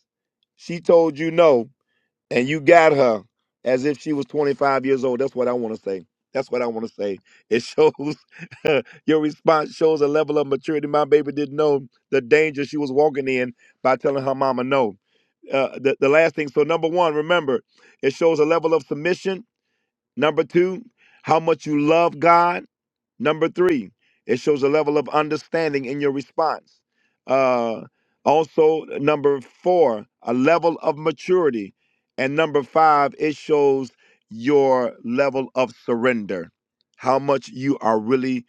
she told you no. and you got her as if she was 25 years old. That's what I want to say. That's what I want to say. It shows [laughs] your response shows a level of maturity. My baby didn't know the danger she was walking in by telling her mama no. Uh, the, the last thing, so number one, remember, it shows a level of submission. Number two, how much you love God. Number three, it shows a level of understanding in your response. Uh, also, number four, a level of maturity. And number five, it shows your level of surrender, how much you are really,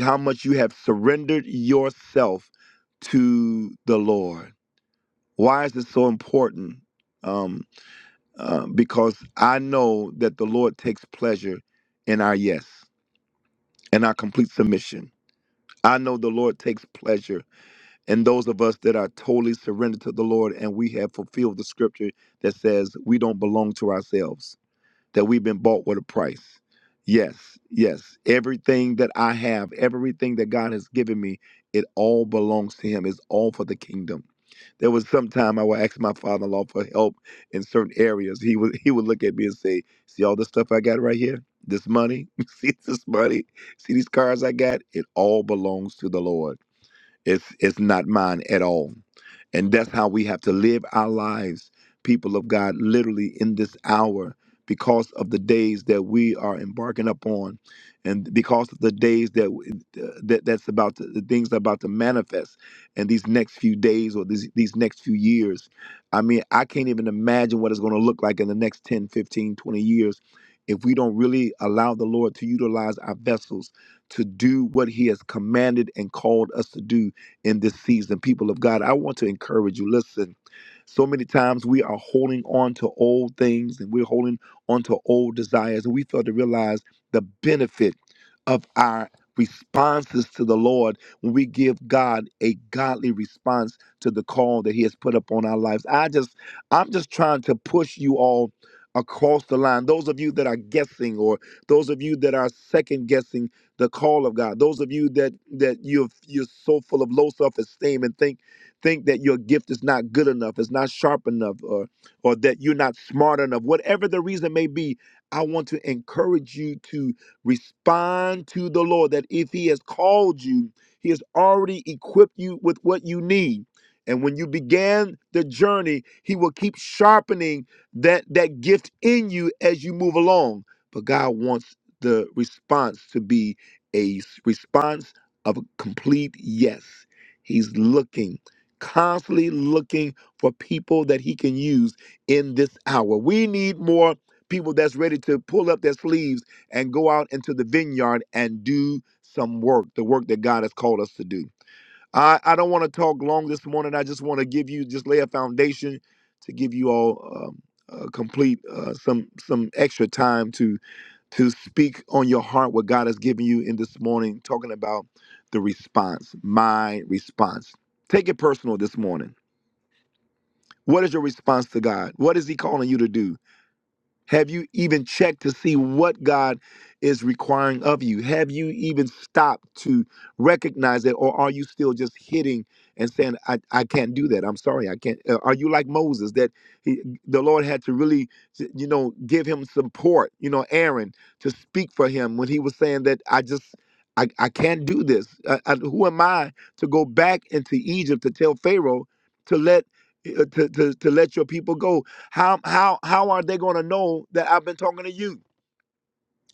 how much you have surrendered yourself to the Lord. Why is this so important? Um, uh, because I know that the Lord takes pleasure in our yes and our complete submission. I know the Lord takes pleasure in those of us that are totally surrendered to the Lord and we have fulfilled the scripture that says we don't belong to ourselves that we've been bought with a price. Yes, yes. Everything that I have, everything that God has given me, it all belongs to Him. It's all for the kingdom. There was some time I would ask my father-in-law for help in certain areas. He would he would look at me and say, "See all this stuff I got right here? This money? [laughs] See this money? See these cars I got? It all belongs to the Lord." It's it's not mine at all. And that's how we have to live our lives, people of God, literally in this hour, because of the days that we are embarking upon, and because of the days that that that's about to, the things that are about to manifest in these next few days or these these next few years. I mean, I can't even imagine what it's going to look like in the next 10, 15, 20 years if we don't really allow the Lord to utilize our vessels to do what he has commanded and called us to do in this season. People of God, I want to encourage you. Listen, so many times we are holding on to old things and we're holding on to old desires, and we fail to realize the benefit of our responses to the Lord when we give God a godly response to the call that He has put upon our lives. I just, I'm just trying to push you all across the line. Those of you that are guessing or those of you that are second guessing the call of God. Those of you that that you're you're so full of low self-esteem and think think that your gift is not good enough, it's not sharp enough, or or that you're not smart enough, whatever the reason may be, I want to encourage you to respond to the Lord that if He has called you, He has already equipped you with what you need. And when you began the journey, He will keep sharpening that that gift in you as you move along. But God wants the response to be a response of a complete yes. He's looking, constantly looking for people that he can use in this hour. We need more people that's ready to pull up their sleeves and go out into the vineyard and do some work, the work that God has called us to do. I, I don't want to talk long this morning. I just want to give you just lay a foundation to give you all um, uh, complete uh, some some extra time to to speak on your heart what God has given you in this morning, talking about the response, my response. Take it personal this morning. What is your response to God? What is He calling you to do? Have you even checked to see what God is requiring of you? Have you even stopped to recognize it, or are you still just hitting and saying, "I, I can't do that. I'm sorry, I can't." Uh, are you like Moses that he, the Lord had to really, you know, give him support, you know, Aaron to speak for him when he was saying that I just. I, I can't do this. I, I, who am I to go back into Egypt to tell Pharaoh to let uh, to, to, to let your people go? How how how are they going to know that I've been talking to you?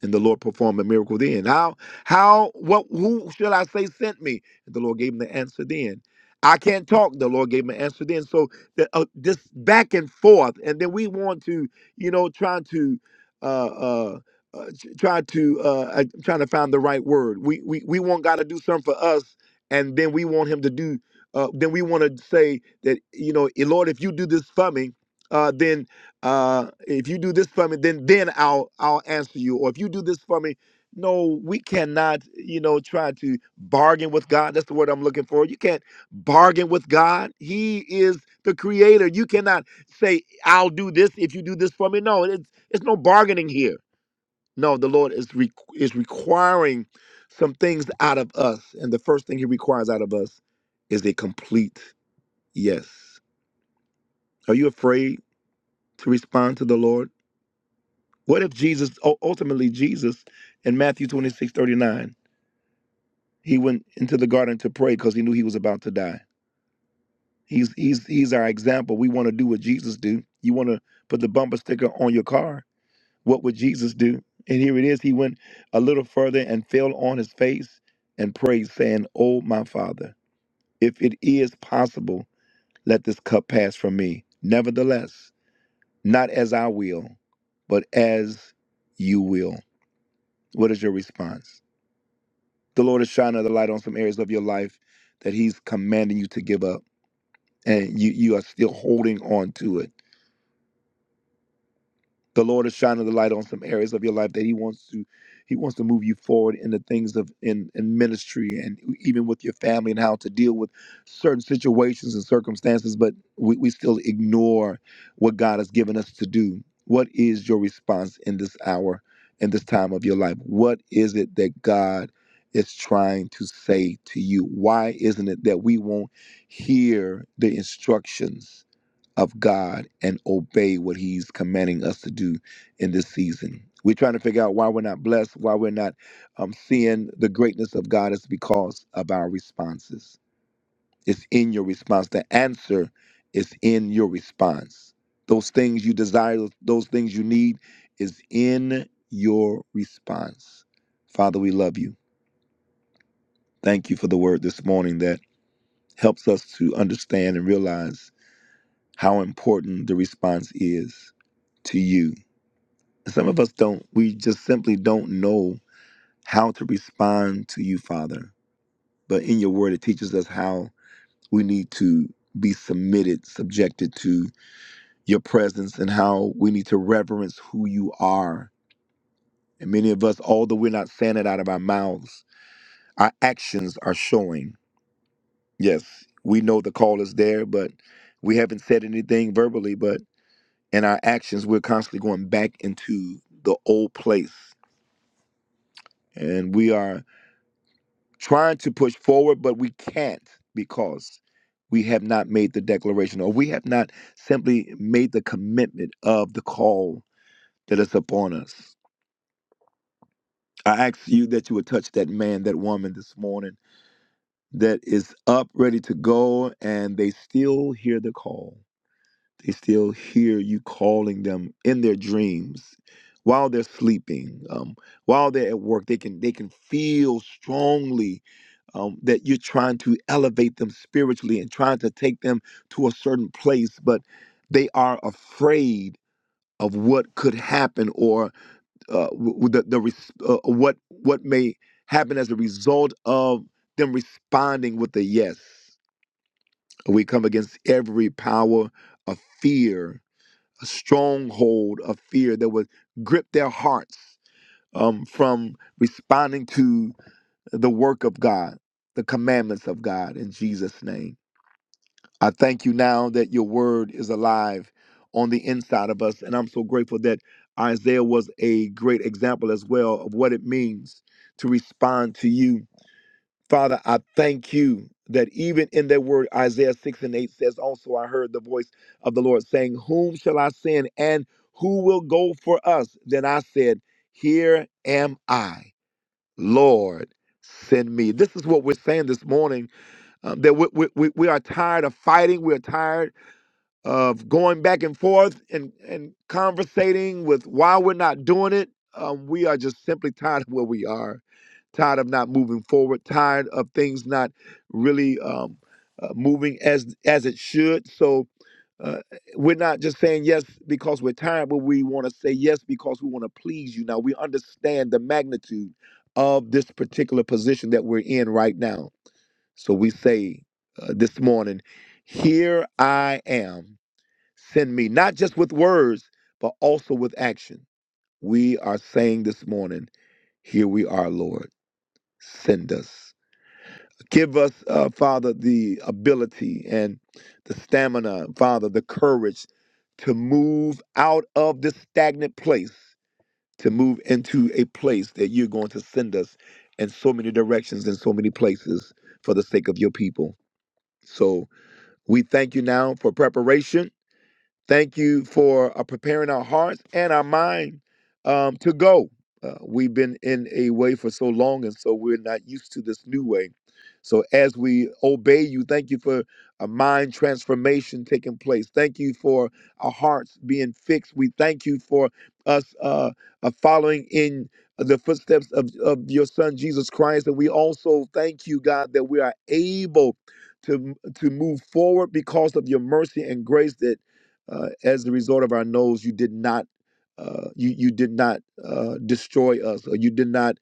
And the Lord performed a miracle then. How how what who should I say sent me? And the Lord gave him the answer then. I can't talk. The Lord gave him an answer then. So the, uh, this back and forth, and then we want to you know trying to uh uh. Uh, t- try to uh uh, trying to find the right word we we, we want god to do something for us and then we want him to do uh then we want to say that you know "Eh, lord if you do this for me uh then uh if you do this for me then then i'll i'll answer you or if you do this for me no we cannot you know try to bargain with god that's the word i'm looking for you can't bargain with god he is the creator you cannot say i'll do this if you do this for me no it's it's no bargaining here no the lord is re- is requiring some things out of us and the first thing he requires out of us is a complete yes are you afraid to respond to the lord What if Jesus, u- ultimately Jesus, in Matthew 26 39? he went into the garden to pray because he knew he was about to die. He's he's he's our example. We want to do what Jesus do. You want to put the bumper sticker on your car. What would Jesus do? And here it is. He went a little further and fell on his face and prayed, saying, "Oh my Father, if it is possible, let this cup pass from me. Nevertheless, not as I will, but as you will." What is your response? the Lord is shining the light on some areas of your life that He's commanding you to give up, and you you are still holding on to it the Lord is shining the light on some areas of your life that He wants to He wants to move you forward in the things of in, in ministry and even with your family and how to deal with certain situations and circumstances, but we, we still ignore what God has given us to do. What is your response in this hour, in this time of your life? What is it that God is trying to say to you? Why isn't it that we won't hear the instructions? of God and obey what He's commanding us to do in this season. We're trying to figure out why we're not blessed, why we're not um, seeing the greatness of God is because of our responses. It's in your response. The answer is in your response. Those things you desire, those things you need is in your response. Father, we love you. Thank you for the word this morning that helps us to understand and realize how important the response is to you Some of us don't. We just simply don't know how to respond to you, Father. But in your word, it teaches us how we need to be submitted, subjected to your presence, and how we need to reverence who you are. And many of us, although we're not saying it out of our mouths, our actions are showing. Yes, we know the call is there, but we haven't said anything verbally, but in our actions, we're constantly going back into the old place. And we are trying to push forward, but we can't because we have not made the declaration or we have not simply made the commitment of the call that is upon us. I ask you that you would touch that man, that woman this morning that is up, ready to go, and they still hear the call. They still hear you calling them in their dreams while they're sleeping, um, while they're at work. They can they can feel strongly um, that you're trying to elevate them spiritually and trying to take them to a certain place, but they are afraid of what could happen or uh, w- the, the res- uh, what what may happen as a result of them responding with a yes. We come against every power of fear, a stronghold of fear that would grip their hearts um, from responding to the work of God, the commandments of God in Jesus' name. I thank you now that your word is alive on the inside of us. And I'm so grateful that Isaiah was a great example as well of what it means to respond to you. Father, I thank you that even in that word, Isaiah 6 and 8 says, Also, I heard the voice of the Lord saying, Whom shall I send and who will go for us? Then I said, Here am I Lord, send me. This is what we're saying this morning um, that we, we, we we are tired of fighting. We're tired of going back and forth and, and conversating with why we're not doing it. Um, we are just simply [laughs] tired of where we are, tired of not moving forward, tired of things not really um, uh, moving as as it should. So uh, we're not just saying yes because we're tired, but we want to say yes because we want to please you. Now we understand the magnitude of this particular position that we're in right now. So we say uh, this morning, "Here I am." Send me, not just with words, but also with action. We are saying this morning, Here we are, Lord. Send us. Give us, uh, Father, the ability and the stamina, Father, the courage to move out of this stagnant place, to move into a place that you're going to send us in so many directions and so many places for the sake of your people. So we thank you now for preparation. Thank you for uh, preparing our hearts and our mind um, to go. Uh, we've been in a way for so long, and so we're not used to this new way. So, as we obey you, thank you for a mind transformation taking place. Thank you for our hearts being fixed. We thank you for us uh, uh, following in the footsteps of, of your son, Jesus Christ. And we also thank you, God, that we are able to, to move forward because of your mercy and grace that uh, as a result of our nose, you did not. Uh, you you did not uh, destroy us, or you did not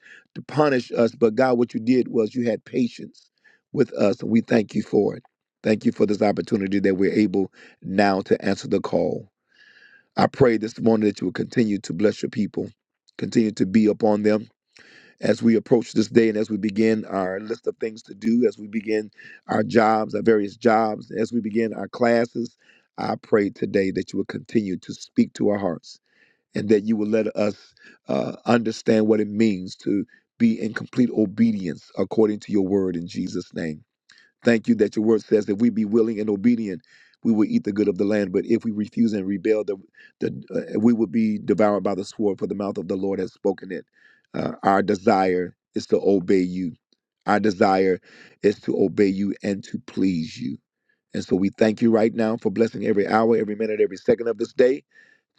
punish us. But God, what you did was you had patience with us, and we thank you for it. Thank you for this opportunity that we're able now to answer the call. I pray this morning that you will continue to bless your people, continue to be upon them, as we approach this day and as we begin our list of things to do, as we begin our jobs, our various jobs, as we begin our classes, I pray today that you will continue to speak to our hearts and that you will let us uh, understand what it means to be in complete obedience according to your word in Jesus' name. Thank you that your word says if we be willing and obedient, we will eat the good of the land. But if we refuse and rebel, the, the, uh, we will be devoured by the sword, for the mouth of the Lord has spoken it. Uh, our desire is to obey you. Our desire is to obey you and to please you. And so we thank you right now for blessing every hour, every minute, every second of this day.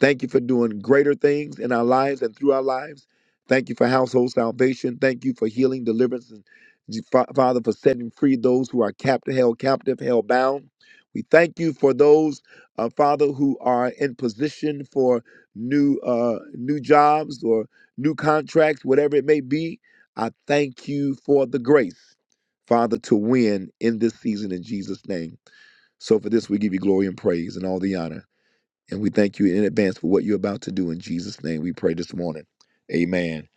Thank you for doing greater things in our lives and through our lives. Thank you for household salvation. Thank you for healing, deliverance, and Fa- Father, for setting free those who are captive, held captive, held bound. We thank you for those, uh, Father, who are in position for new uh, new jobs or new contracts, whatever it may be. I thank you for the grace, Father, to win in this season in Jesus' name. So for this, we give you glory and praise and all the honor. And we thank you in advance for what you're about to do. In Jesus' name, we pray this morning. Amen.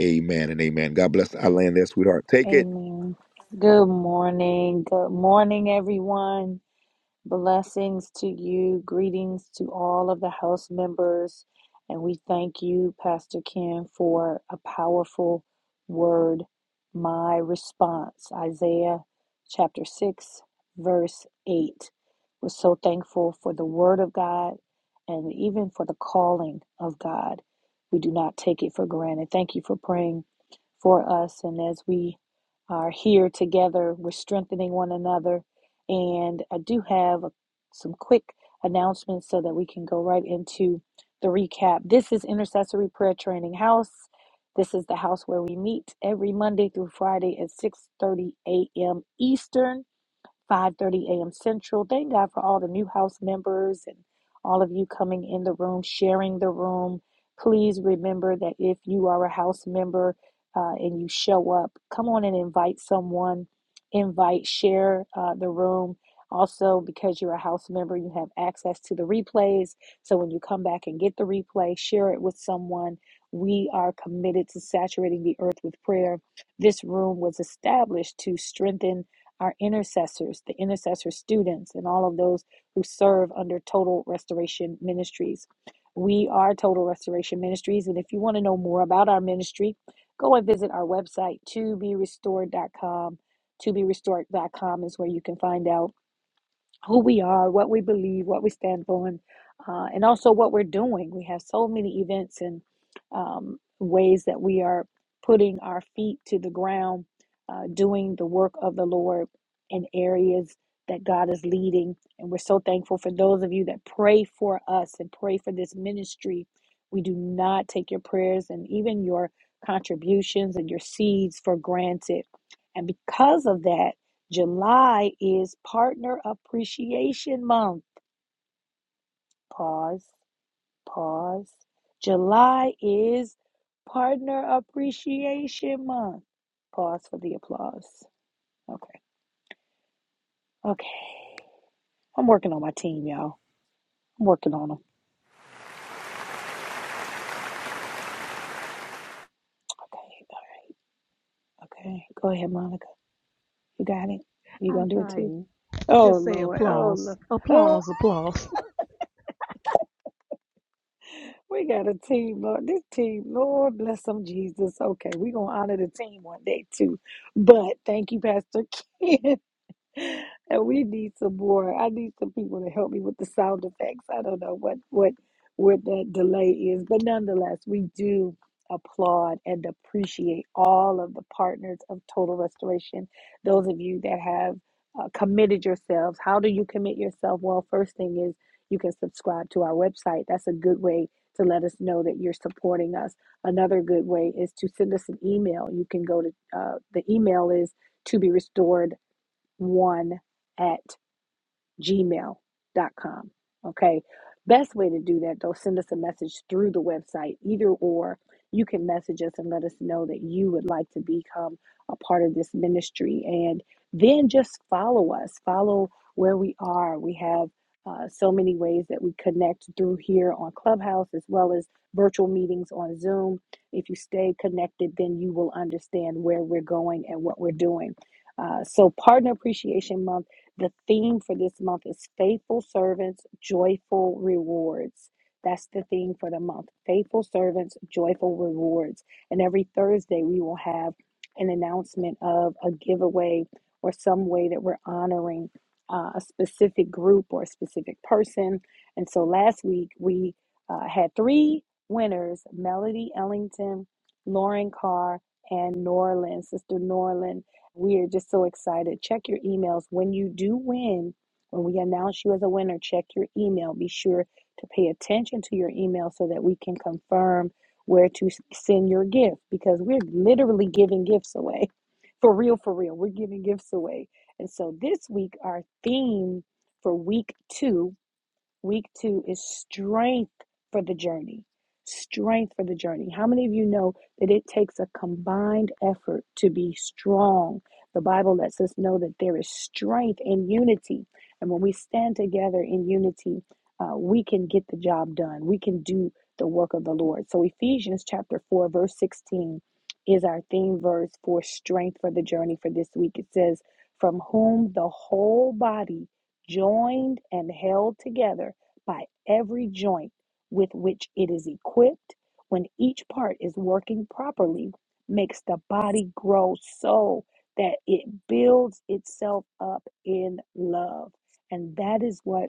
Amen and amen. God bless our land there, sweetheart. Take it. Amen. Good morning. Good morning, everyone. Blessings to you. Greetings to all of the house members. And we thank you, Pastor Ken, for a powerful word. My response, Isaiah chapter 6, verse 8. We're so thankful for the word of God and even for the calling of God. We do not take it for granted. Thank you for praying for us. And as we are here together, we're strengthening one another. And I do have some quick announcements so that we can go right into the recap. This is Intercessory Prayer Training House. This is the house where we meet every Monday through Friday at 6:30 a.m. Eastern. 5:30 a.m. Central. Thank God for all the new house members and all of you coming in the room, sharing the room. Please remember that if you are a house member uh, and you show up, come on and invite someone, invite, share uh, the room. Also, because you're a house member, you have access to the replays. So when you come back and get the replay, share it with someone. We are committed to saturating the earth with prayer. This room was established to strengthen our intercessors, the intercessor students, and all of those who serve under Total Restoration Ministries. We are Total Restoration Ministries, and our ministry. Go and visit like, two store um, to be out who and uh, and um, we're putting our film, uh, doing the work of the Lord in areas. that God. And we're so thankful for those of you that pray for us and pray for this ministry. We do not take your prayers and even your contributions and your seeds for granted. And because of that, July is Partner Appreciation Month. Pause, pause. July is Partner Appreciation Month. Pause for the applause. Okay, okay. I'm working on my team, y'all. I'm working on them. Okay. Okay, go ahead, Monica. You got it. You gonna do it too? Oh Lord, oh Lord, oh, we got a team, Lord. This team, Lord, bless them, Jesus. Okay, we gonna honor the team one day too. But thank you, Pastor Ken. [laughs] and we need some more. I need some people to help me with the sound effects. I don't know what what what that delay is, but nonetheless, we do applaud and appreciate all of the partners of Total Restoration. Those of you that have uh, committed yourselves, how do you commit yourself? Well, first thing is you can subscribe to our website. That's a good way to let us know that you're supporting us. Another good way is to send us an email. You can go to uh, the email is to be restored one at gmail.com. Okay. Best way to do that though, send us a message through the website, either or you can message us and let us know that you would like to become a part of this ministry. And then just follow us, follow where we are. We have uh, so many ways that we connect through here on Clubhouse as well as virtual meetings on Zoom. If you stay connected, then you will understand where we're going and what we're doing. Uh, so, Partner Appreciation Month the theme for this month is faithful servants, joyful rewards. That's the theme for the month faithful servants, joyful rewards. And every Thursday, we will have an announcement of a giveaway or some way that we're honoring uh, a specific group or a specific person. And so last week, we uh, had three winners Melody Ellington, Lauren Carr, and Norlin, Sister Norlin we are just so excited. Check your emails. When you do win, when we announce you as a winner, check your email. Be sure to pay attention to your email so that we can confirm where to s- send your gift because we're literally giving gifts away. [laughs] For real, for real. We're giving gifts away. And so this week, our theme for week two Week two is strength for the journey. Strength for the journey. How many of you know that it takes a combined effort to be strong? The Bible lets us know that there is strength in unity. And when we stand together in unity, uh, we can get the job done. We can do the work of the Lord. So, Ephesians chapter 4, verse 16 is our theme verse for strength for the journey for this week. It says, From whom the whole body joined and held together by every joint with which it is equipped, when each part is working properly, makes the body grow so that it builds itself up in love. And that is what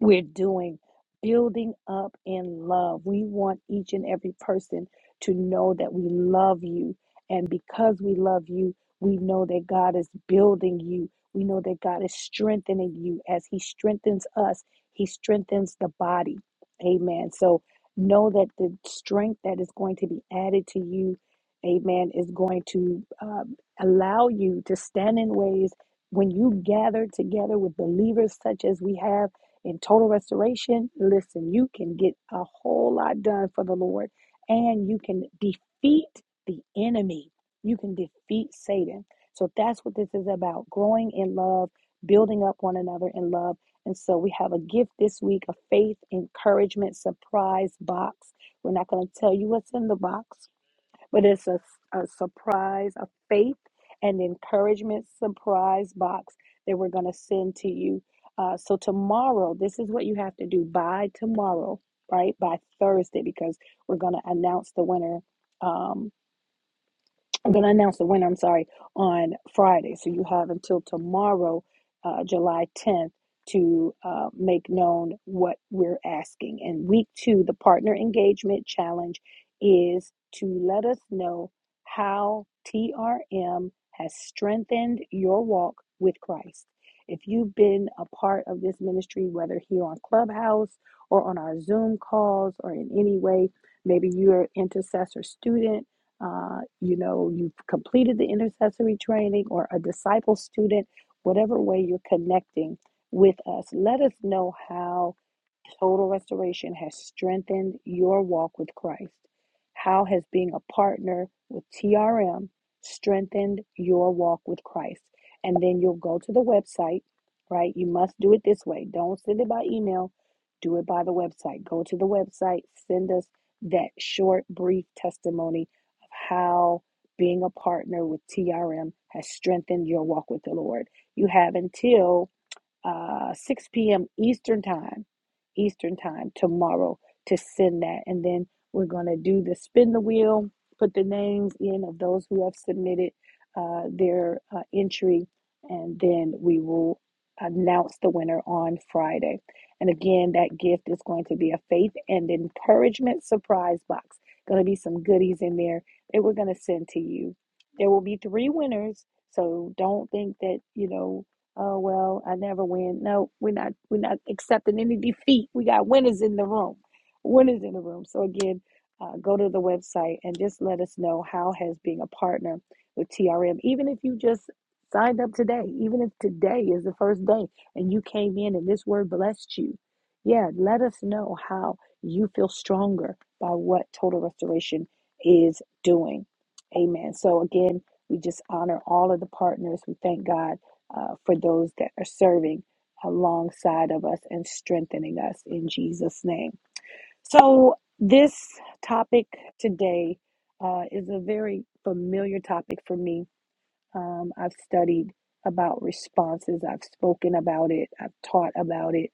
we're doing building up in love. We want each and every person to know that we love you. And because we love you, we know that God is building you. We know that God is strengthening you. As He strengthens us, He strengthens the body. Amen. So know that the strength that is going to be added to you, amen, is going to um, allow you to stand in ways when you gather together with believers such as we have in total restoration, listen, you can get a whole lot done for the Lord and you can defeat the enemy. You can defeat Satan. So that's what this is about growing in love, building up one another in love. And so we have a gift this week a faith encouragement surprise box. We're not going to tell you what's in the box but it's a, a surprise, a faith and encouragement surprise box that we're going to send to you. Uh, so, tomorrow, this is what you have to do by tomorrow, right? By Thursday, because we're going to announce the winner. Um. I'm going to announce the winner, I'm sorry, on Friday. So you have until tomorrow, uh, July 10th, to uh, make known what we're asking. And week two, the Partner Engagement Challenge is to let us know how TRM has strengthened your walk with Christ. If you've been a part of this ministry, whether here on Clubhouse or on our Zoom calls or in any way, maybe you're an intercessor student uh, you know, you've completed the intercessory training or a disciple student, whatever way you're connecting with us, let us know how Total restoration has strengthened your walk with Christ. How has being a partner with TRM strengthened your walk with Christ? And then you'll go to the website, right? You must do it this way. Don't send it by email, do it by the website. Go to the website, send us that short, brief testimony of how being a partner with TRM has strengthened your walk with the Lord. You have until uh, 6 p.m. Eastern Time, Eastern Time tomorrow to send that. And then we're going to do the spin the wheel, put the names in of those who have submitted uh, their uh, entry, and then we will announce the winner on Friday. And again, that gift is going to be a faith and encouragement surprise box. Going to be some goodies in there that we're going to send to you. There will be three winners, so don't think that, you know, Oh well, I never win. No, we're not we're not accepting any defeat. We got winners in the room. Winners in the room. So again, uh, go to the website and just let us know how has being a partner with TRM, even if you just signed up today, even if today is the first day and you came in and this word blessed you. Yeah, let us know how you feel stronger by what total restoration is doing. Amen. So again, we just honor all of the partners. We thank God uh, for those that are serving alongside of us and strengthening us in Jesus' name. So, this topic today uh, is a very familiar topic for me um, I've studied about responses. I've spoken about it. I've taught about it.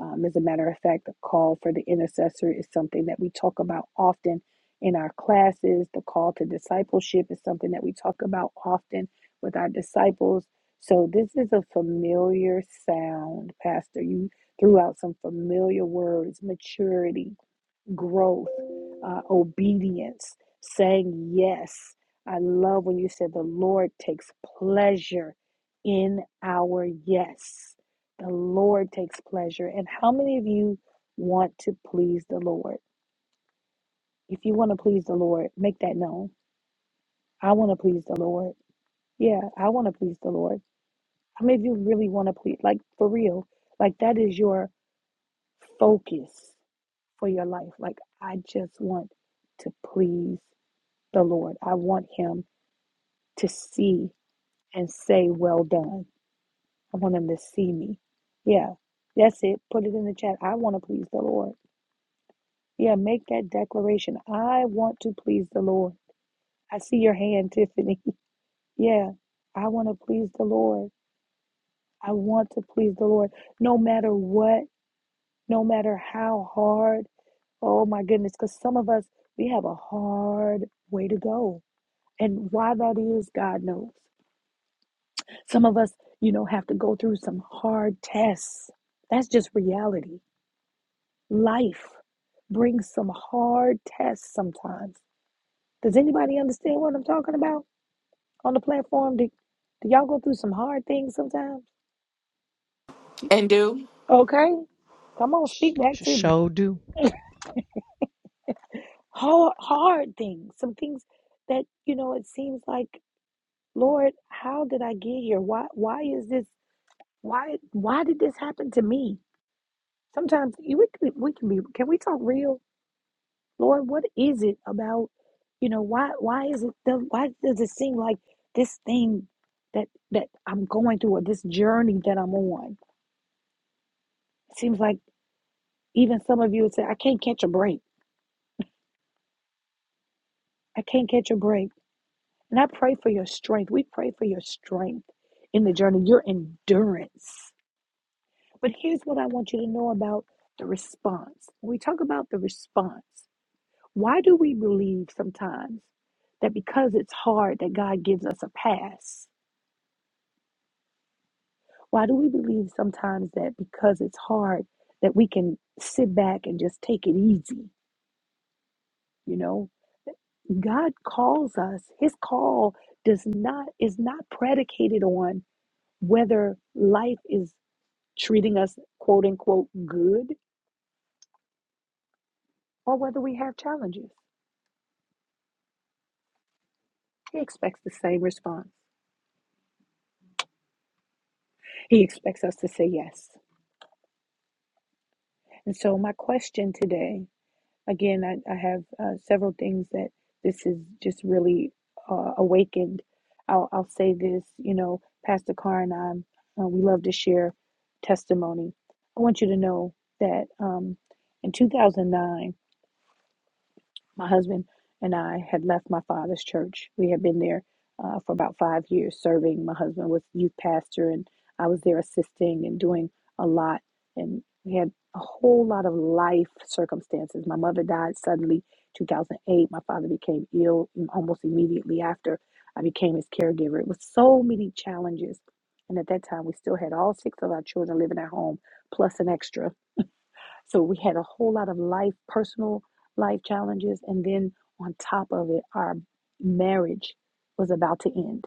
Um, as a matter of fact, the call for the intercessor is something that we talk about often in our classes. The call to discipleship is something that we talk about often with our disciples. So this is a familiar sound, Pastor. You threw out some familiar words maturity, growth, uh, obedience, saying yes. I love when you said the Lord takes pleasure in our yes. The Lord takes pleasure. And how many of you want to please the Lord? If you want to please the Lord, make that known. I want to please the Lord. Yeah, I want to please the Lord. How many of you really want to please? Like, for real, like that is your focus for your life. Like, I just want to please the Lord. I want him to see and say, Well done. I want him to see me. Yeah, that's it. Put it in the chat. I want to please the Lord. Yeah, make that declaration. I want to please the Lord. I see your hand, Tiffany. [laughs] Yeah, I want to please the Lord. I want to please the Lord no matter what, no matter how hard. Oh my goodness, because some of us, we have a hard way to go. And why that is, God knows. Some of us, you know, have to go through some hard tests. That's just reality. Life brings some hard tests sometimes. Does anybody understand what I'm talking about on the platform? Do, do y'all go through some hard things sometimes? and do. Okay, come on, speak back to me. Hard, hard things, some things that you know. It seems like, Lord, how did I get here? Why? Why is this? Why? Why did this happen to me? Sometimes you- we we can be. Can we talk real? Lord, what is it about, you know, why why is it the why does it seem like this thing that that I'm going through or this journey that I'm on? It seems like even some of you would say, I can't catch a break. I can't catch a break. And I pray for your strength. We pray for your strength in the journey, your endurance. But here's what I want you to know about the response. When we talk about the response, why do we believe sometimes that because it's hard that God gives us a pass? Why do we believe sometimes that because it's hard that we can sit back and just take it easy? You know, God calls us. His call does not is not predicated on whether life is treating us quote unquote good or whether we have challenges. He expects the same response. He expects us to say yes. And so my question today Again, I, I have uh, several things that this is just really uh, awakened. I'll, I'll say this, you know, Pastor Carr and I, uh, we love to share testimony. I want you to know that um, in 2009, my husband and I had left my father's church. We had been there uh, for about five years, serving. My husband was youth pastor, and I was there assisting and doing a lot. And we had a whole lot of life circumstances. My mother died suddenly, 2008. My father became ill almost immediately after I became his caregiver. It was so many challenges, and at that time, we still had all six of our children living at home, plus an extra. So we had a whole lot of life, personal life challenges. And then on top of it, our marriage was about to end.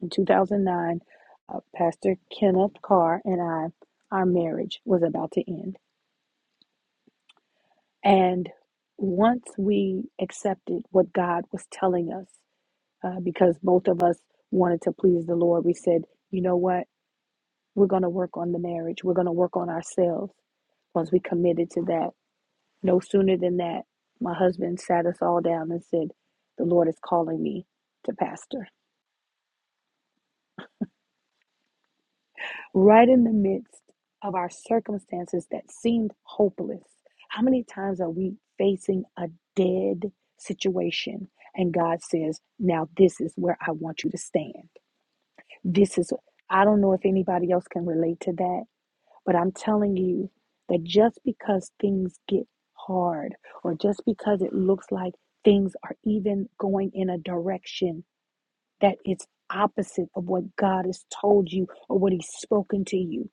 In 2009, uh, Pastor Kenneth Carr and I, our marriage was about to end. And once we accepted what God was telling us, uh, because both of us wanted to please the Lord, we said, you know what? We're going to work on the marriage. We're going to work on ourselves once we committed to that. No sooner than that, my husband sat us all down and said, The Lord is calling me to pastor. Right in the midst of our circumstances that seemed hopeless, how many times are we facing a dead situation? And God says, Now this is where I want you to stand. This is, I don't know if anybody else can relate to that But I'm telling you that just because things get hard or just because it looks like things are even going in a direction that it's opposite of what God has told you or what He's spoken to you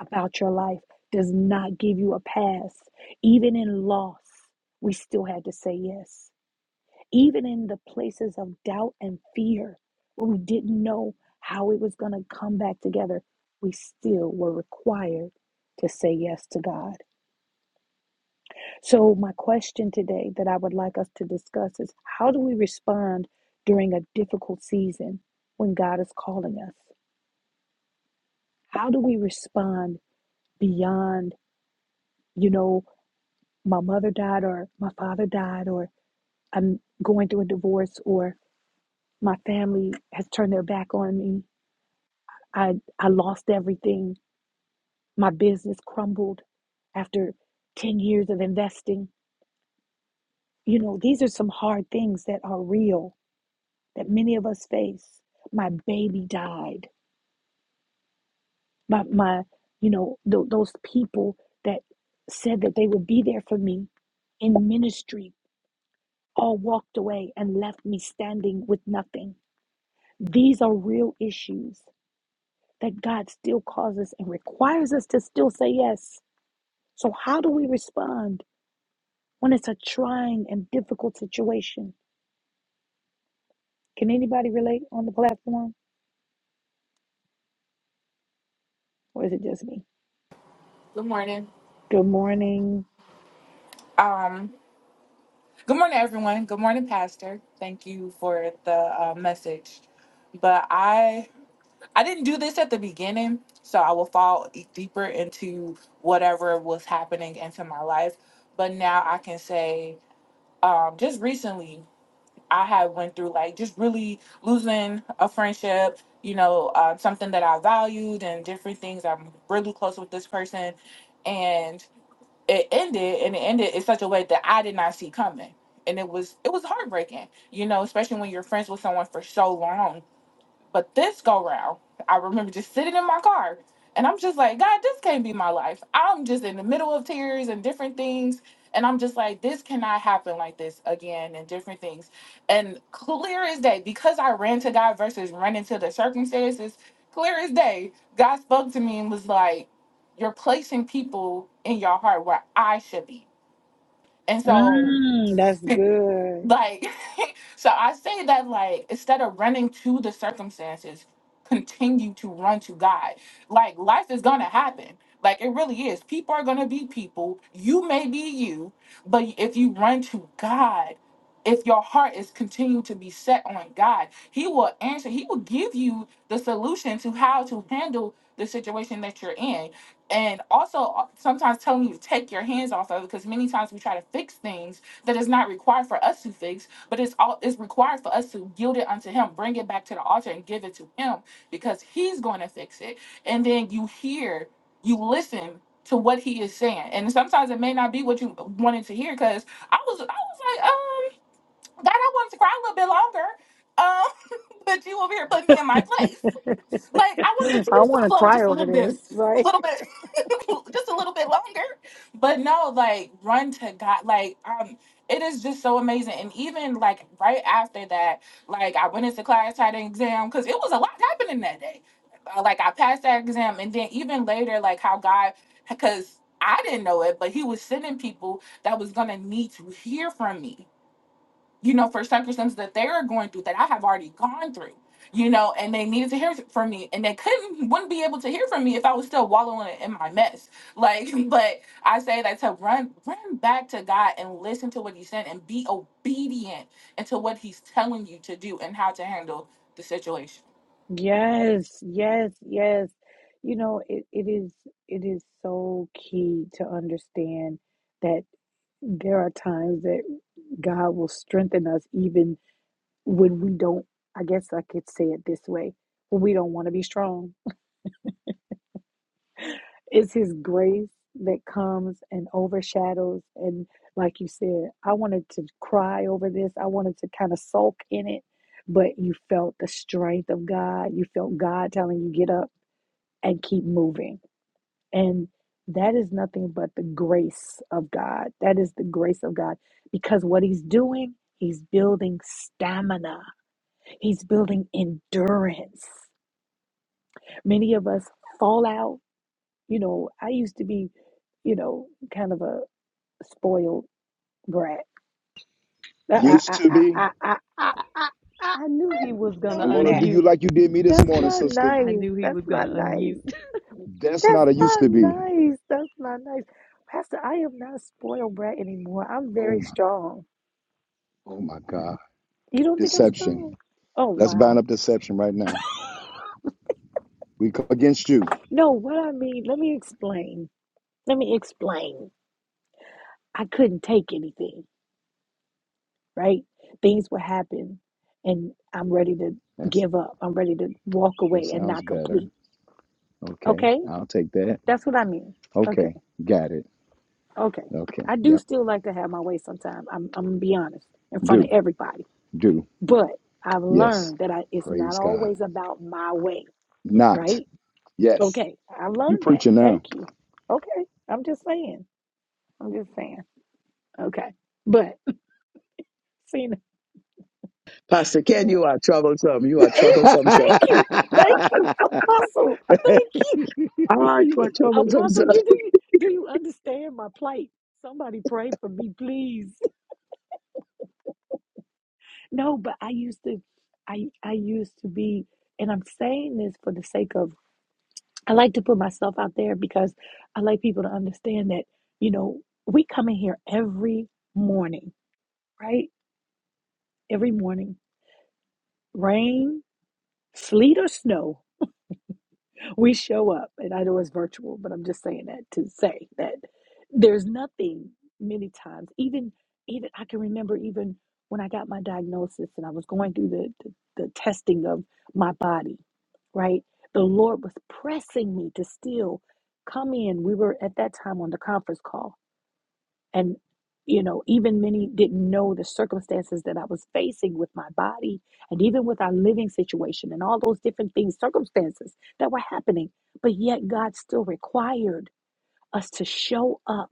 about your life does not give you a pass. Even in loss, we still had to say yes even in the places of doubt and fear where we didn't know how it was going to come back together, we still were required to say yes to God. So, my question today that I would like us to discuss is how do we respond during a difficult season when God is calling us? How do we respond beyond, you know, my mother died or my father died or I'm going through a divorce or my family has turned their back on me I, I lost everything. My business crumbled after 10 years of investing. You know, these are some hard things that are real that many of us face. My baby died. My, my you know, th- those people that said that they would be there for me in ministry all walked away and left me standing with nothing. These are real issues that God still causes and requires us to still say yes. So, how do we respond? when it's a trying and difficult situation. Can anybody relate on the platform? Or is it just me? Good morning. Good morning. Um. Good morning, everyone. Good morning, Pastor. Thank you for the uh, message. But I I didn't do this at the beginning, so I will fall e- deeper into whatever was happening into my life. But now I can say, um, just recently, I have went through like just really losing a friendship, you know, uh, something that I valued and different things. I'm really close with this person, and it ended, and it ended in such a way that I did not see coming, and it was it was heartbreaking, you know, especially when you're friends with someone for so long but this go round, I remember just sitting in my car and I'm just like, God, this can't be my life. I'm just in the middle of tears and different things. And I'm just like, this cannot happen like this again and different things. And clear as day, because I ran to God versus running to the circumstances, clear as day, God spoke to me and was like, You're placing people in your heart where I should be. And so, Mm, that's good. like, [laughs] So I say that like instead of running to the circumstances, continue to run to God. Like life is gonna happen. Like it really is. People are gonna be people. You may be you, but if you run to God, if your heart is continuing to be set on God, He will answer, He will give you the solution to how to handle the situation that you're in. And also uh, sometimes telling you to take your hands off of it because many times we try to fix things that is not required for us to fix but it's all it's required for us to yield it unto him, bring it back to the altar and give it to him because he's going to fix it. And then you hear, you listen to what he is saying. And sometimes it may not be what you wanted to hear because I was I was like, um, God, I wanted to cry a little bit longer. Um, [laughs] but you over here put me in my place. Like I wanted [laughs] to I change the want to flow cry just a over little bit, this, [laughs] a right? little bit, [laughs] just a little bit longer. But no, like run to God. Like um, it is just so amazing. And even like right after that, like I went into class, had an exam because it was a lot happening that day. Uh, Like I passed that exam, and then even later, like how God, because I didn't know it, but He was sending people that was gonna need to hear from me you know, for circumstances that they are going through that I have already gone through, you know, and they needed to hear from me and they couldn't, wouldn't be able to hear from me if I was still wallowing in my mess. Like, [laughs] but I say that to run, run back to God and listen to what He said and be obedient into what He's telling you to do and how to handle the situation. Yes, yes, yes. You know, it, it is it is so key to understand that there are times that God will strengthen us even when we don't I guess I could say it this way, when we don't want to be strong It's His grace that comes and overshadows. And like you said, I wanted to cry over this, I wanted to kind of sulk in it, but you felt the strength of God. You felt God telling you, get up and keep moving. And that is nothing but the grace of God. That is the grace of God because what He's doing, He's building stamina, He's building endurance. Many of us fall out You know, I used to be, you know, kind of a spoiled brat. I, Used I, to I, be. I, I, I, I, I, don't I'm do gonna that. do you like you did me this That's morning, not sister. nice. That's not nice. That's That's not a used not to be. nice. That's not nice. Pastor, I am not a spoiled brat anymore. I'm Oh very my, strong. oh my God. You don't think I'm Deception. strong? Oh, Let's bind wow. up deception right now. We come against you. No, what I mean, let me explain. Let me explain. I couldn't take anything. right? Things will happen and I'm ready to That's give up. I'm ready to walk that away and sounds not better. complete. Okay, Okay? I'll take that. That's what I mean. Okay. Okay, got it. Okay. Okay, I do yep. still like to have my way sometimes. I'm I'm gonna be honest in front of Do, everybody. do. But I've Yes. learned that I it's not Praise God. always about my way, Not. right? Yes. Okay. I've You learned that. preaching now. Thank you. Okay. I'm just saying. I'm just saying. Okay. But [laughs] Cena, Pastor Ken, you are troublesome. You are it, troublesome, sir. thank you. [laughs] Thank you, Apostle. Thank you. Ah, you are troublesome, Apostle, sir. you do you do you understand my plight? Somebody pray for me, please. [laughs] No, but I used to I I used to be and I'm saying this for the sake of I like to put myself out there because I like people to understand that, you know, we come in here every morning, right? Every morning. Rain, sleet or snow, we show up, and I know it's virtual, but I'm just saying that to say that there's nothing many times, even even I can remember even when I got my diagnosis and I was going through the the, the testing of my body, right? The Lord was pressing me to still come in. We were at that time on the conference call and you know even many didn't know the circumstances that i was facing with my body and even with our living situation and all those different things circumstances that were happening but yet god still required us to show up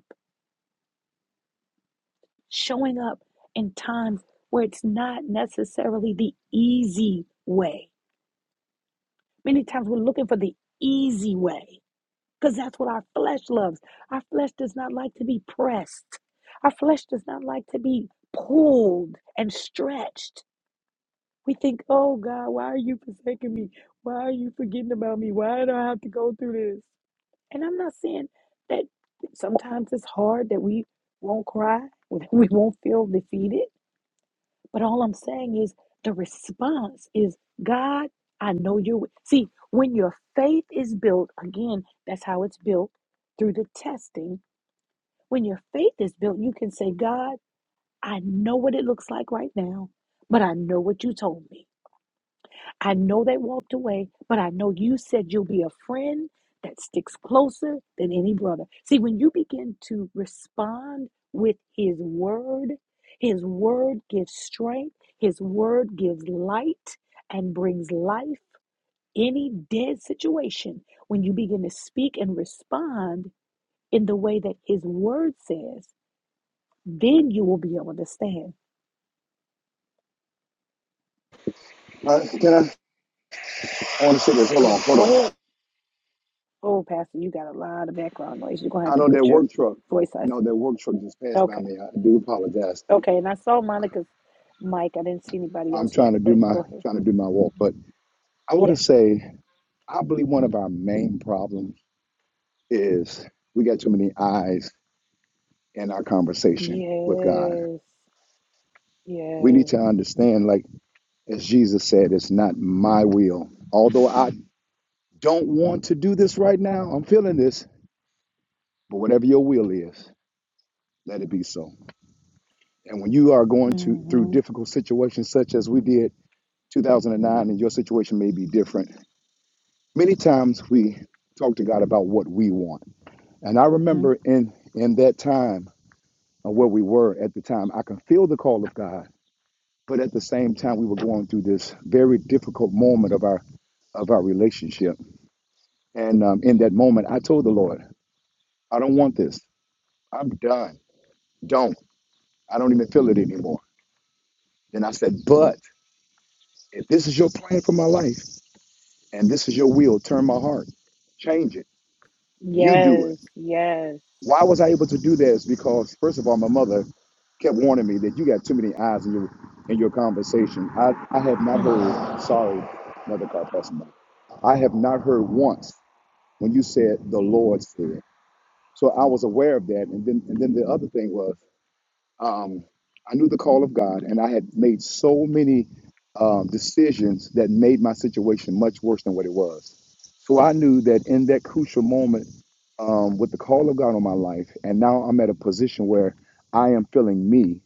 showing up in times where it's not necessarily the easy way many times we're looking for the easy way because that's what our flesh loves. Our flesh does not like to be pressed, our flesh does not like to be pulled and stretched. We think, oh God, why are you forsaking me? Why are you forgetting about me? Why do I have to go through this? And I'm not saying that sometimes it's hard that we won't cry, [laughs] that we won't feel defeated. But all I'm saying is the response is, God, I know you're with. See, when your faith is built, again, that's how it's built through the testing. When your faith is built, you can say, God, I know what it looks like right now, but I know what you told me. I know they walked away, but I know you said you'll be a friend that sticks closer than any brother. See, when you begin to respond with His word, His word gives strength, His word gives light, and brings life. Any dead situation, when you begin to speak and respond in the way that His word says, then you will be able to stand. Uh, can I? I want to say this. Hold on, Go, hold go on. ahead. Oh, Pastor, you got a lot of background noise. You're going to have I to know that put your work truck. voice on. No, that work truck just passed Okay. by me. I do apologize. Okay, and I saw Monica's mic. I didn't see anybody I'm else trying yet, to do but my go ahead. trying to do my walk, but I want Yes, to sir. say I believe one of our main problems is we got too many eyes in our conversation with God. Yes. We need Yes. to understand, like as Jesus said, it's not my will. Although I don't want to do this right now, I'm feeling this But whatever your will is, let it be so. And when you are going to through Mm-hmm. difficult situations such as we did 2009 and your situation may be different, many times we talk to God about what we want. And I Mm-hmm. remember in in that time of where we were at the time, I can feel the call of God, but at the same time we were going through this very difficult moment of our of our relationship. And um, in that moment, I told the Lord, I don't want this. I'm done. Don't. I don't even feel it anymore. Then I said, but If this is your plan for my life and this is your will, turn my heart, change it. You do Yes. it. Yes. Why was I able to do that? Is because first of all, my mother kept warning me that you got too many eyes in your in your conversation. I, I have not hmm heard sorry, another car passing by. I have not heard once when you said the Lord said. So I was aware of that. And then and then the other thing was um, I knew the call of God, and I had made so many um, decisions that made my situation much worse than what it was. So I knew that in that crucial moment, um, with the call of God on my life, and now I'm at a position where I am feeling me.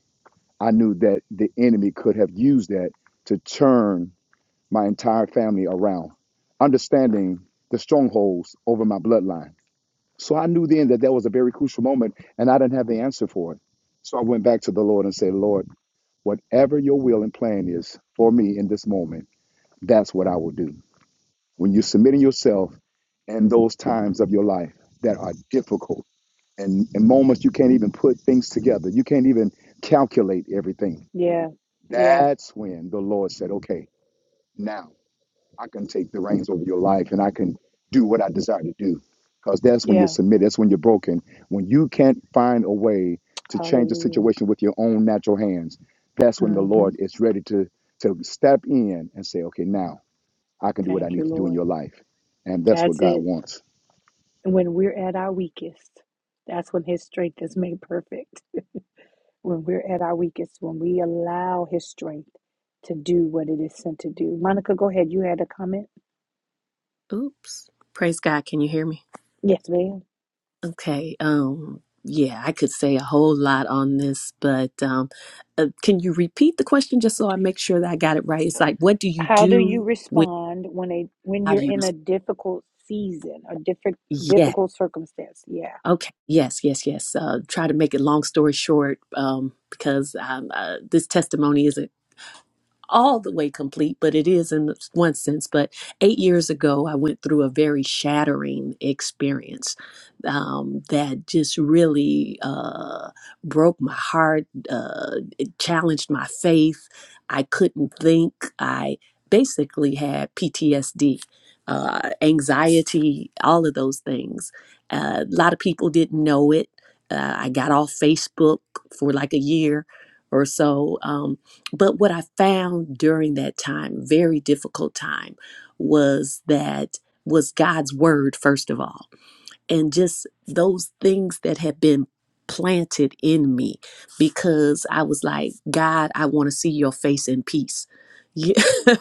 I knew that the enemy could have used that to turn my entire family around, understanding the strongholds over my bloodline so I knew then that that was a very crucial moment, and I didn't have the answer for it. So I went back to the Lord and said, Lord, whatever your will and plan is for me in this moment, that's what I will do. When you're submitting yourself in those times of your life that are difficult and, and moments you can't even put things together, you can't even calculate everything, Yeah. Yeah. that's when the Lord said, okay, now. I can take the reins over your life and I can do what I desire to do. Because that's when you're Yeah. submitted, that's when you're broken. When you can't find a way to change the Hallelujah. situation with your own natural hands, that's when the Mm-hmm. Lord is ready to, to step in and say, okay, now I can do what I Thank you, need to do in your Lord. life. And that's what That's God it. wants. When we're at our weakest, that's when His strength is made perfect. When we're at our weakest, when we allow His strength to do what it is sent to do. Monica, go ahead. You had a comment? [laughs] Oops. Praise God. Can you hear me? Yes, ma'am. Okay. Um yeah, I could say a whole lot on this, but um uh, can you repeat the question just so I make sure that I got it right? It's So, like what do you how do you do when respond when a when how do you're you in a difficult season, a different Yes. difficult circumstance? Yeah, Okay. Yes, yes, yes. Uh try to make it long story short um because um uh, this testimony is all the way complete, but it is in one sense. But eight years ago, I went through a very shattering experience um, that just really uh, broke my heart. Uh, it challenged my faith. I couldn't think. I basically had PTSD. Uh, anxiety, all of those things. Uh, a lot of people didn't know it. Uh, I got off Facebook for like a year or so. Um, but what I found during that time, very difficult time, was that was God's word, first of all, and just those things that had been planted in me because I was like, God, I want to see your face in peace. Yeah. [laughs]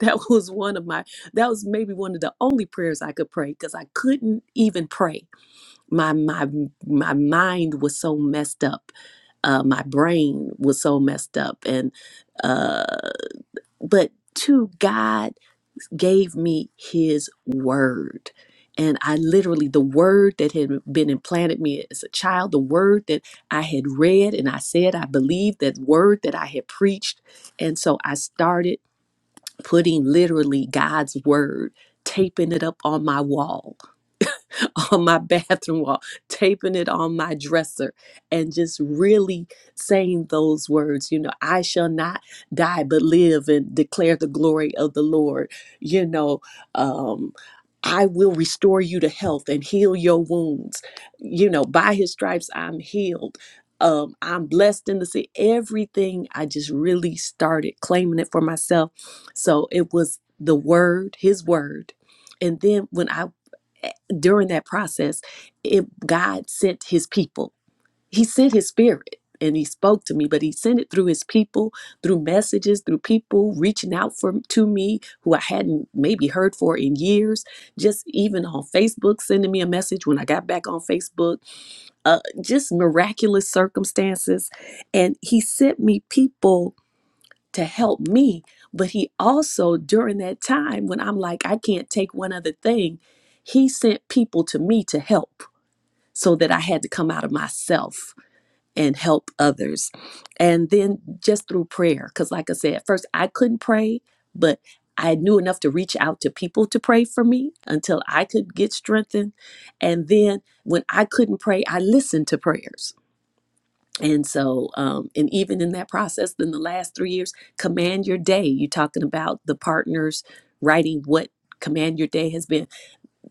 that was one of my, that was maybe one of the only prayers I could pray because I couldn't even pray my my my mind was so messed up uh my brain was so messed up and uh but to god gave me his word and i literally the word that had been implanted me as a child the word that i had read and i said i believed that word that i had preached and so i started putting literally god's word taping it up on my wall [laughs] on my bathroom wall, taping it on my dresser, and just really saying those words, you know, I shall not die but live and declare the glory of the Lord. You know, um, I will restore you to health and heal your wounds. You know, by his stripes, I'm healed. Um, I'm blessed in the sea. Everything I just really started claiming it for myself. So it was the word, his word. And then when I during that process, it, God sent his people. He sent his spirit and he spoke to me, but he sent it through his people, through messages, through people reaching out for, to me who I hadn't maybe heard for in years, just even on Facebook, sending me a message when I got back on Facebook, uh, just miraculous circumstances. And he sent me people to help me. But he also, during that time when I'm like, I can't take one other thing, he sent people to me to help so that I had to come out of myself and help others. And then just through prayer, because like I said, at first I couldn't pray, but I knew enough to reach out to people to pray for me until I could get strengthened. And then when I couldn't pray, I listened to prayers and so um, and even in that process in the last three years command your day you're talking about the partners writing what command your day has been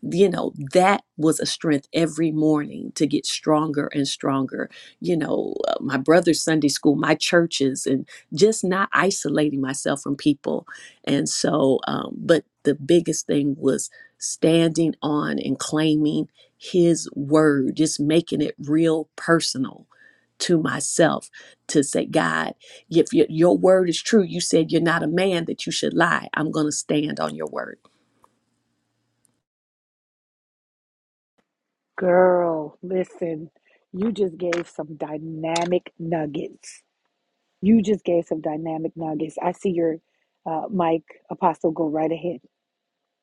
you know that was a strength every morning to get stronger and stronger you know uh, my brother's sunday school my churches and just not isolating myself from people and so um, but the biggest thing was standing on and claiming his word just making it real personal to myself to say god if your, your word is true you said you're not a man that you should lie i'm going to stand on your word girl, listen, you just gave some dynamic nuggets. You just gave some dynamic nuggets. I see your uh, Mike Apostle go right ahead.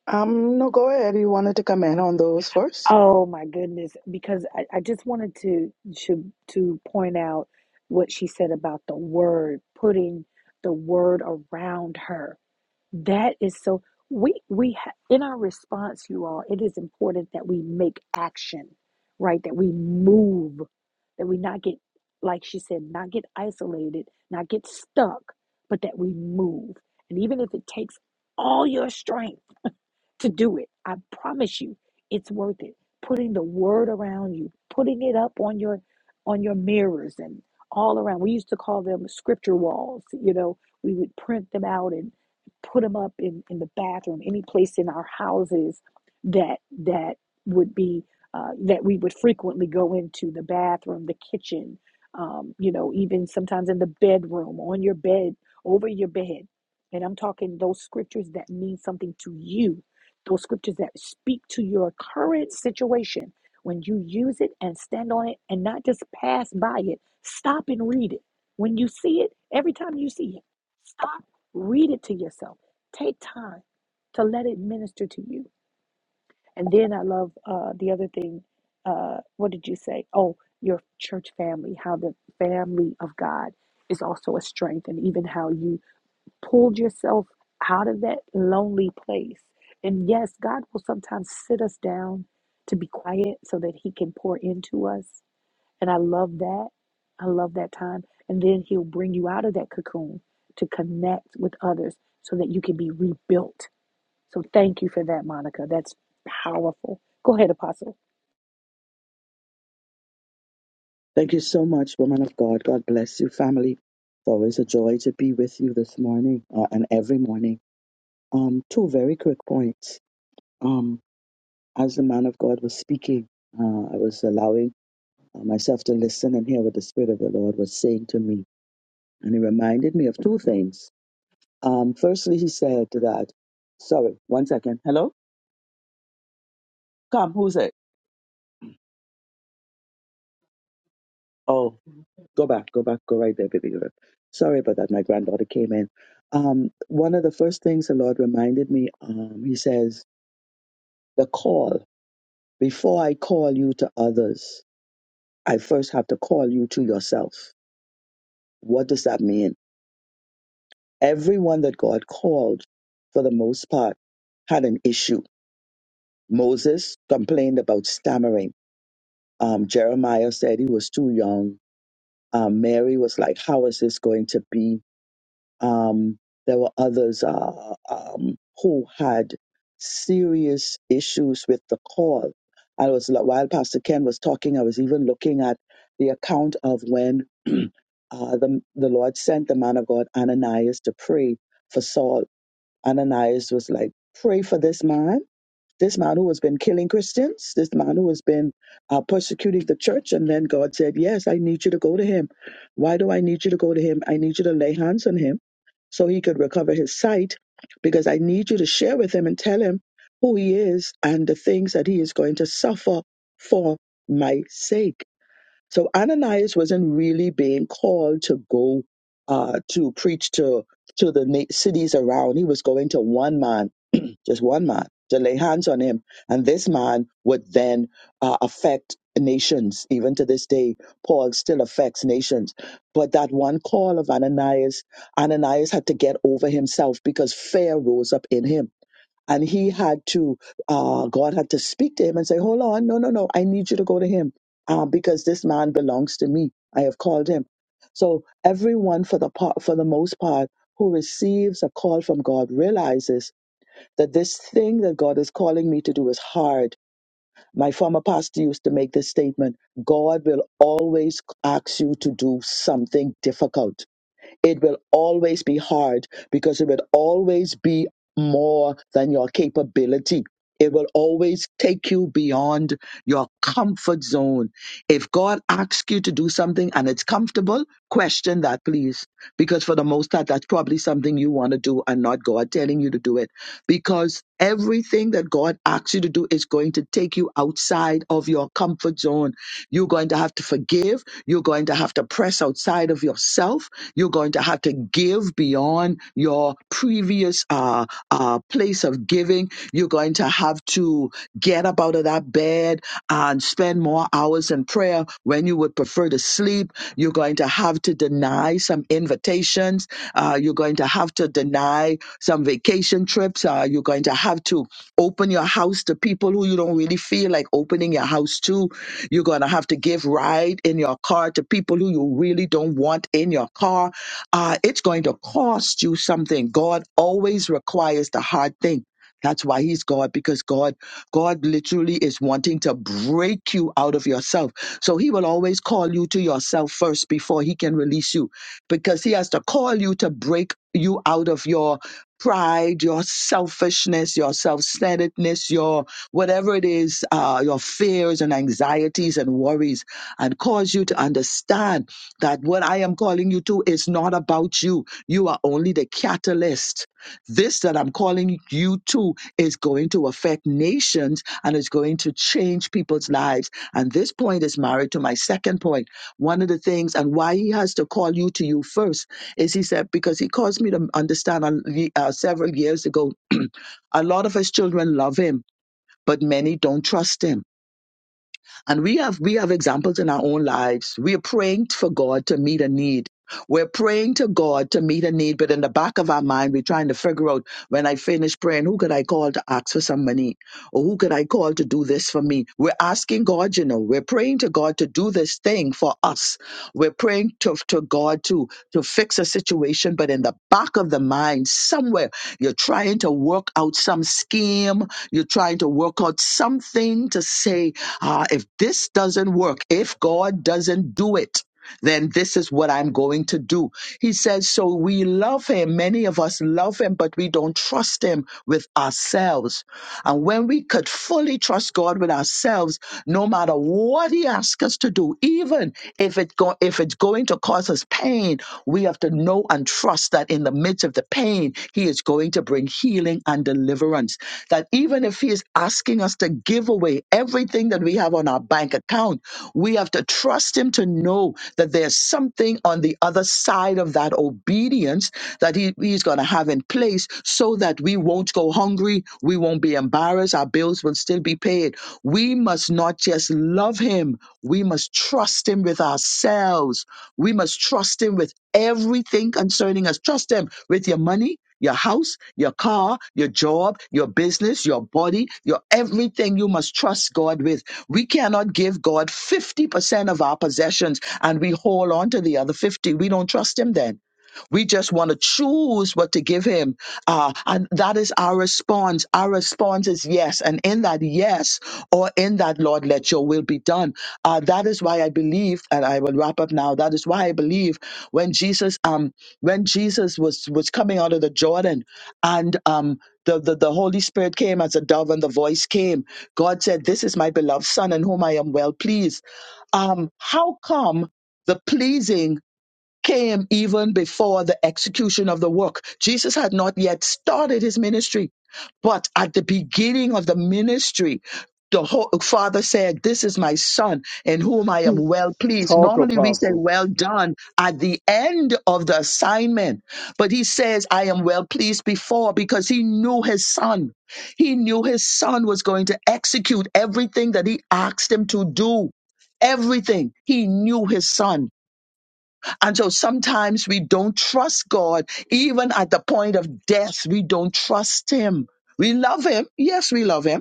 Um, no, go ahead. You wanted to comment on those first? Oh my goodness, because I, I just wanted to, to to point out what she said about the word, putting the word around her That is so we we ha- in our response, you all, it is important that we make action, right? That we move, that we not get like she said, not get isolated, not get stuck, but that we move. And even if it takes all your strength to do it. I promise you, it's worth it. Putting the word around you, putting it up on your on your mirrors and all around. We used to call them scripture walls. You know, we would print them out and put them up in, in the bathroom, any place in our houses that that would be uh, that we would frequently go into the bathroom, the kitchen, um, you know, even sometimes in the bedroom, on your bed, over your bed. And I'm talking those scriptures that mean something to you those scriptures that speak to your current situation when you use it and stand on it and not just pass by it stop and read it when you see it every time you see it stop read it to yourself take time to let it minister to you and then i love uh, the other thing uh, what did you say oh your church family how the family of god is also a strength and even how you pulled yourself out of that lonely place. And yes, God will sometimes sit us down to be quiet so that He can pour into us. And I love that. I love that time. And then He'll bring you out of that cocoon to connect with others so that you can be rebuilt. So thank you for that, Monica. That's powerful. Go ahead, Apostle. Thank you so much, woman of God. God bless you, family. It's always a joy to be with you this morning uh, and every morning. Um, two very quick points. Um, as the man of God was speaking, uh, I was allowing uh, myself to listen and hear what the Spirit of the Lord was saying to me. And he reminded me of two things. Um, firstly, he said that, sorry, one second. Hello? Come, who's it? Oh, go back, go back, go right there, baby girl. Sorry about that. My granddaughter came in. Um, one of the first things the Lord reminded me, um, He says, the call. Before I call you to others, I first have to call you to yourself. What does that mean? Everyone that God called, for the most part, had an issue. Moses complained about stammering. Um, Jeremiah said he was too young. Um, Mary was like, How is this going to be? Um, there were others uh, um, who had serious issues with the call. I was while Pastor Ken was talking, I was even looking at the account of when uh, the the Lord sent the man of God Ananias to pray for Saul. Ananias was like, "Pray for this man, this man who has been killing Christians, this man who has been uh, persecuting the church." And then God said, "Yes, I need you to go to him. Why do I need you to go to him? I need you to lay hands on him." so he could recover his sight because I need you to share with him and tell him who he is and the things that he is going to suffer for my sake. So Ananias wasn't really being called to go uh, to preach to to the na- cities around. He was going to one man, [clears throat] just one man, to lay hands on him, and this man would then uh, affect nations. Even to this day, Paul still affects nations. But that one call of Ananias, Ananias had to get over himself because fear rose up in him and he had to, uh, God had to speak to him and say, Hold on, no, no, no, I need you to go to him uh, because this man belongs to me. I have called him. So everyone, for the part, for the most part, who receives a call from God realizes that this thing that God is calling me to do is hard. My former pastor used to make this statement: God will always ask you to do something difficult it will always be hard because it will always be more than your capability. It will always take you beyond your comfort zone. If God asks you to do something and it's comfortable, question that, please. Because for the most part, that's probably something you want to do and not God telling you to do it. Because everything that God asks you to do is going to take you outside of your comfort zone. You're going to have to forgive. You're going to have to press outside of yourself you're going to have to give beyond your previous uh, uh, place of giving. You're going to have to get up out of that bed and spend more hours in prayer when you would prefer to sleep. You're going to have to deny some invitations. Uh, you're going to have to deny some vacation trips. Uh, you're going to have to open your house to people who you don't really feel like opening your house to you're going to have to give ride in your car to people who you really don't want in your car. Uh, it's going to cost you something. God always requires the hard thing. That's why he's God because God God literally is wanting to break you out of yourself. So he will always call you to yourself first before he can release you because he has to call you to break you out of your pride, your selfishness, your self-centeredness, your whatever it is, uh, your fears and anxieties and worries, and cause you to understand that what I am calling you to is not about you. You are only the catalyst. This that I'm calling you to is going to affect nations and is going to change people's lives. And this point is married to my second point. One of the things and why he has to call you to you first is he said, because he caused me to understand uh, uh, several years ago, [clears throat] a lot of his children love him but many don't trust him. And we have we have examples in our own lives. We are praying for God to meet a need. We're praying to God to meet a need, but in the back of our mind, we're trying to figure out when I finish praying, who could I call to ask for some money? Or who could I call to do this for me? We're asking God, you know, we're praying to God to do this thing for us. We're praying to, to God to, to fix a situation, but in the back of the mind, somewhere you're trying to work out some scheme. You're trying to work out something to say, ah, if this doesn't work, if God doesn't do it, then this is what I'm going to do. He says, so we love him. Many of us love him, but we don't trust him with ourselves and when we could fully trust God with ourselves, no matter what He asks us to do, even if it go, if it's going to cause us pain, we have to know and trust that in the midst of the pain, He is going to bring healing and deliverance. That even if He is asking asking us to give away everything that we have on our bank account. We have to trust Him to know that there's something on the other side of that obedience that he, He's going to have in place so that we won't go hungry, we won't be embarrassed, our bills will still be paid. We must not just love Him, we must trust Him with ourselves. We must trust Him with everything concerning us. Trust Him with your money, your house, your car, your job, your business, your body, your everything you must trust God with. We cannot give God 50% of our possessions and we hold on to the other 50. We don't trust him then. We just want to choose what to give him. Uh, and that is our response. Our response is yes. And in that yes, or in that, Lord, let your will be done. Uh, that is why I believe, and I will wrap up now. That is why I believe when Jesus, um, when Jesus was was coming out of the Jordan and um the, the, the Holy Spirit came as a dove and the voice came. God said, This is my beloved Son in whom I am well pleased um, how come the pleasing came even before the execution of the work. Jesus had not yet started his ministry, but at the beginning of the ministry, the whole, father said, This is my son in whom I am [laughs] well pleased. Talk, Normally we say, Apostle. Well done at the end of the assignment, but he says, I am well pleased before because he knew his son. He knew his son was going to execute everything that he asked him to do. Everything. He knew his son. And so sometimes we don't trust God, even at the point of death, we don't trust Him. We love Him. Yes, we love Him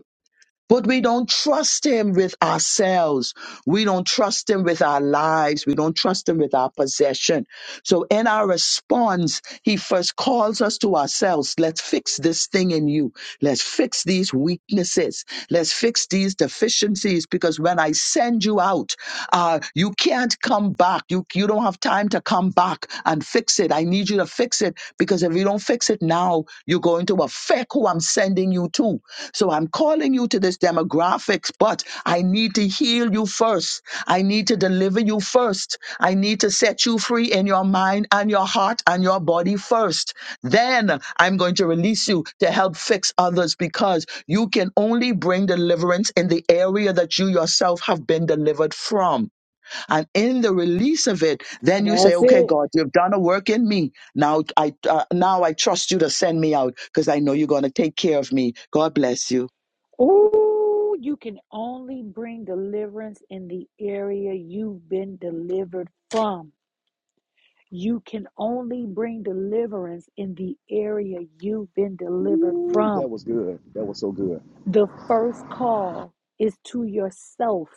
but we don't trust him with ourselves. We don't trust him with our lives. We don't trust him with our possession. So in our response, he first calls us to ourselves. Let's fix this thing in you. Let's fix these weaknesses. Let's fix these deficiencies because when I send you out, uh, you can't come back. You, you don't have time to come back and fix it. I need you to fix it because if you don't fix it now, you're going to affect who I'm sending calling you to. So I'm calling you to this demographics, but I need to heal you first. I need to deliver you first. I need to set you free in your mind and your heart and your body first. Then I'm going to release you to help fix others because you can only bring deliverance in the area that you yourself have been delivered from. And in the release of it, then you say, That's okay, it. God, you've done a work in me. Now I, uh, now I trust you to send me out because I know you're going to take care of me. God bless you. Ooh, you can only bring deliverance in the area you've been delivered from. You can only bring deliverance in the area you've been delivered Ooh, from. that was good. That was so good. The first call is to yourself.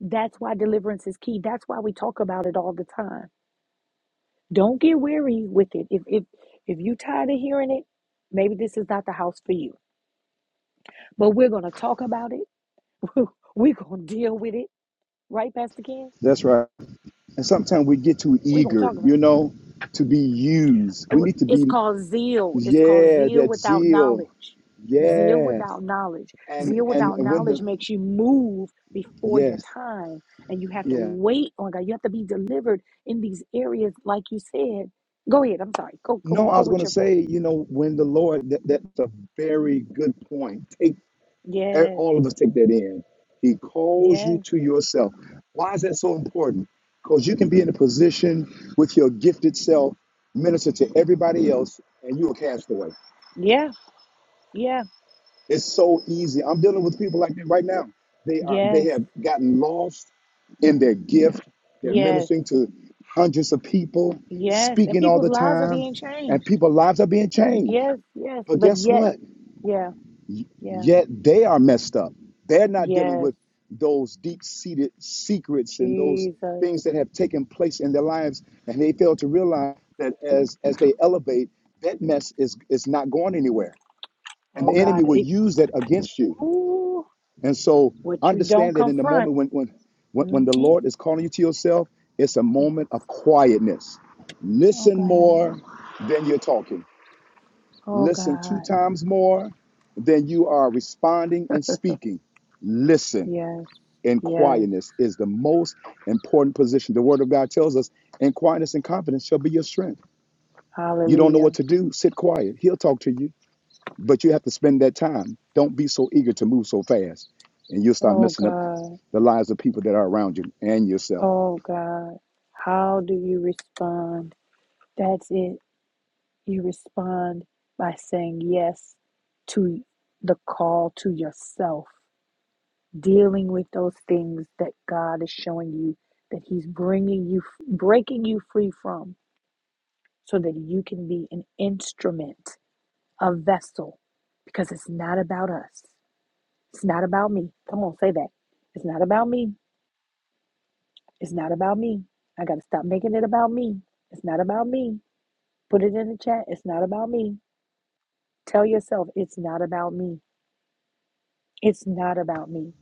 That's why deliverance is key. That's why we talk about it all the time. Don't get weary with it. If if if you tired of hearing it, maybe this is not the house for you. But we're gonna talk about it. [laughs] we're gonna deal with it, right, Pastor Ken? That's right. And sometimes we get too We're gonna eager, talk about it you know, to be used. Uh, We need to It's be, called zeal. It's called yeah, zeal that without zeal. knowledge. Zeal Yes. without knowledge. Zeal And and without when knowledge the makes you move before your yes, time. And you have to yeah. wait on God. You have to be delivered in these areas, like you said. Go ahead. I'm sorry. Go, go, No, I go was with gonna your point. say, you know, when the Lord that, that's a very good point. Take eh, Yes. all of us take that in. He calls Yes. you to yourself. Why is that so important? Because you can be in a position with your gifted self, minister to everybody else, and you're a castaway. Yeah. Yeah. It's so easy. I'm dealing with people like that right now. They are they Yes. have gotten lost in their gift. They're Yes. ministering to hundreds of people, Yes. And speaking all people's the lives are being time, and changed. people's lives are being changed. Yes. Yes. But But guess yet, what? yeah. Yeah. Yet they are messed up. They're not dealing Yes. with those deep-seated secrets and those Jesus. things that have taken place in their lives, and they fail to realize that as as they elevate, that mess is is not going anywhere, and Oh the enemy God, will it, use that against you. ooh, And so what you don't understand that in the confront. moment when when when, hmm when the Lord is calling you to yourself, it's a Yes. moment of quietness. Oh Listen God. more than you're talking. Oh Listen two God. times more than you are responding and speaking. Listen Yes. in Yes. quietness is the most important position. The word of God tells us, "In quietness and confidence shall be your strength. You don't know what Hallelujah. to do, sit quiet. He'll talk to you. But you have to spend that time. Don't be so eager to move so fast, and you'll start Oh messing up God. the lives of people that are around you and yourself. Oh God. How do you respond? That's it. You respond by saying yes to the call to yourself, dealing with those things that God is showing you that He's bringing you, breaking you free from. so that you can be an instrument, a vessel, because it's not about us. It's not about me. Come on, say that. It's not about me. It's not about me. I got to stop making it about me. It's not about me. Put it in the chat. It's not about me. Tell yourself, it's not about me. It's not about me.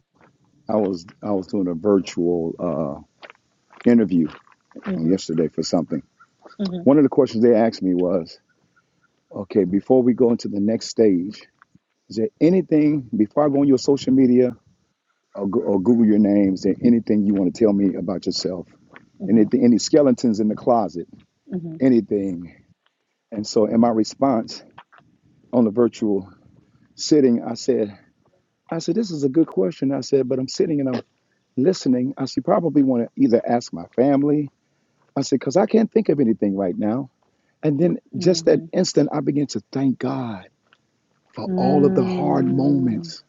I was I was doing a virtual uh, interview Mm-hmm. yesterday for something. Mm-hmm. One of the questions they asked me was, "Okay, before we go into the next stage, is there anything before I go on your social media or, or Google your name? Is there anything you want to tell me about yourself? Anything? Any skeletons in the closet? Mm-hmm. Anything?" And so, in my response on the virtual sitting, I said, I said, This is a good question. I said, But I'm sitting and I'm listening. I said, Probably want to either ask my family. I said, Because I can't think of anything right now. And then just that Mm-hmm. instant, I began to thank God for Mm-hmm. all of the hard Mm. moments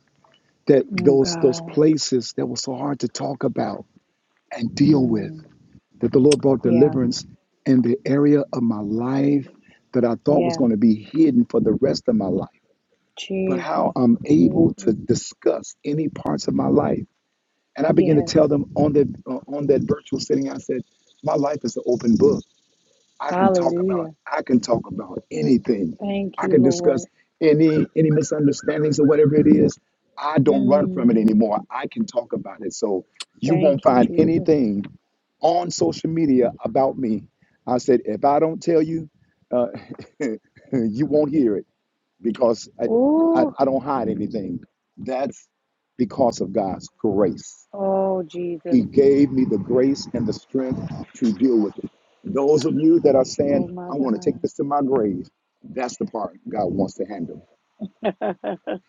that Oh, those, those God. places that were so hard to talk about and deal with, Mm. that the Lord brought Yeah. deliverance in the area of my life that I thought was Yeah. going to be hidden for the rest of my life. But how Jesus. I'm able to Jesus. discuss any parts of my life And I began to Yes. tell them on that uh, on that virtual setting, I said, my life is an open book. I can talk about Hallelujah. I can talk about anything. Thank I you, can Lord. discuss any any misunderstandings or whatever it is. I don't run from it Mm, anymore. I can talk about it. So you thank won't you, find Jesus. anything on social media about me. I said, if I don't tell you, uh, [laughs] you won't hear it because I, I, Ooh, I don't hide anything. That's because of God's grace. oh, Jesus. He gave me the grace and the strength to deal with it. Those of you that are Oh, saying, my I want to take this God. to my grave, that's the part God wants to handle.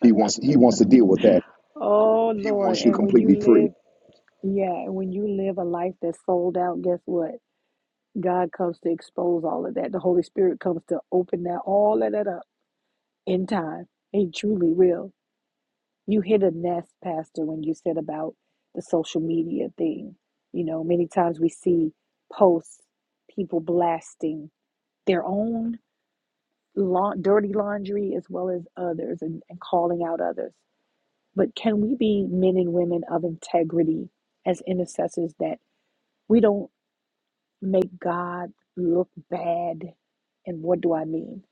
He wants He wants to deal with that. oh, He Lord. wants you And when you completely free. live, yeah, and when you live a life that's sold out, guess what? God comes to expose all of that. The Holy Spirit comes to open that, all of that up in time. He truly will. You hit a nest, Pastor, when you said about the social media thing. You know, many times we see posts, people blasting their own la- dirty laundry as well as others and, and calling out others. But can we be men and women of integrity as intercessors that we don't make God look bad? And what do I mean?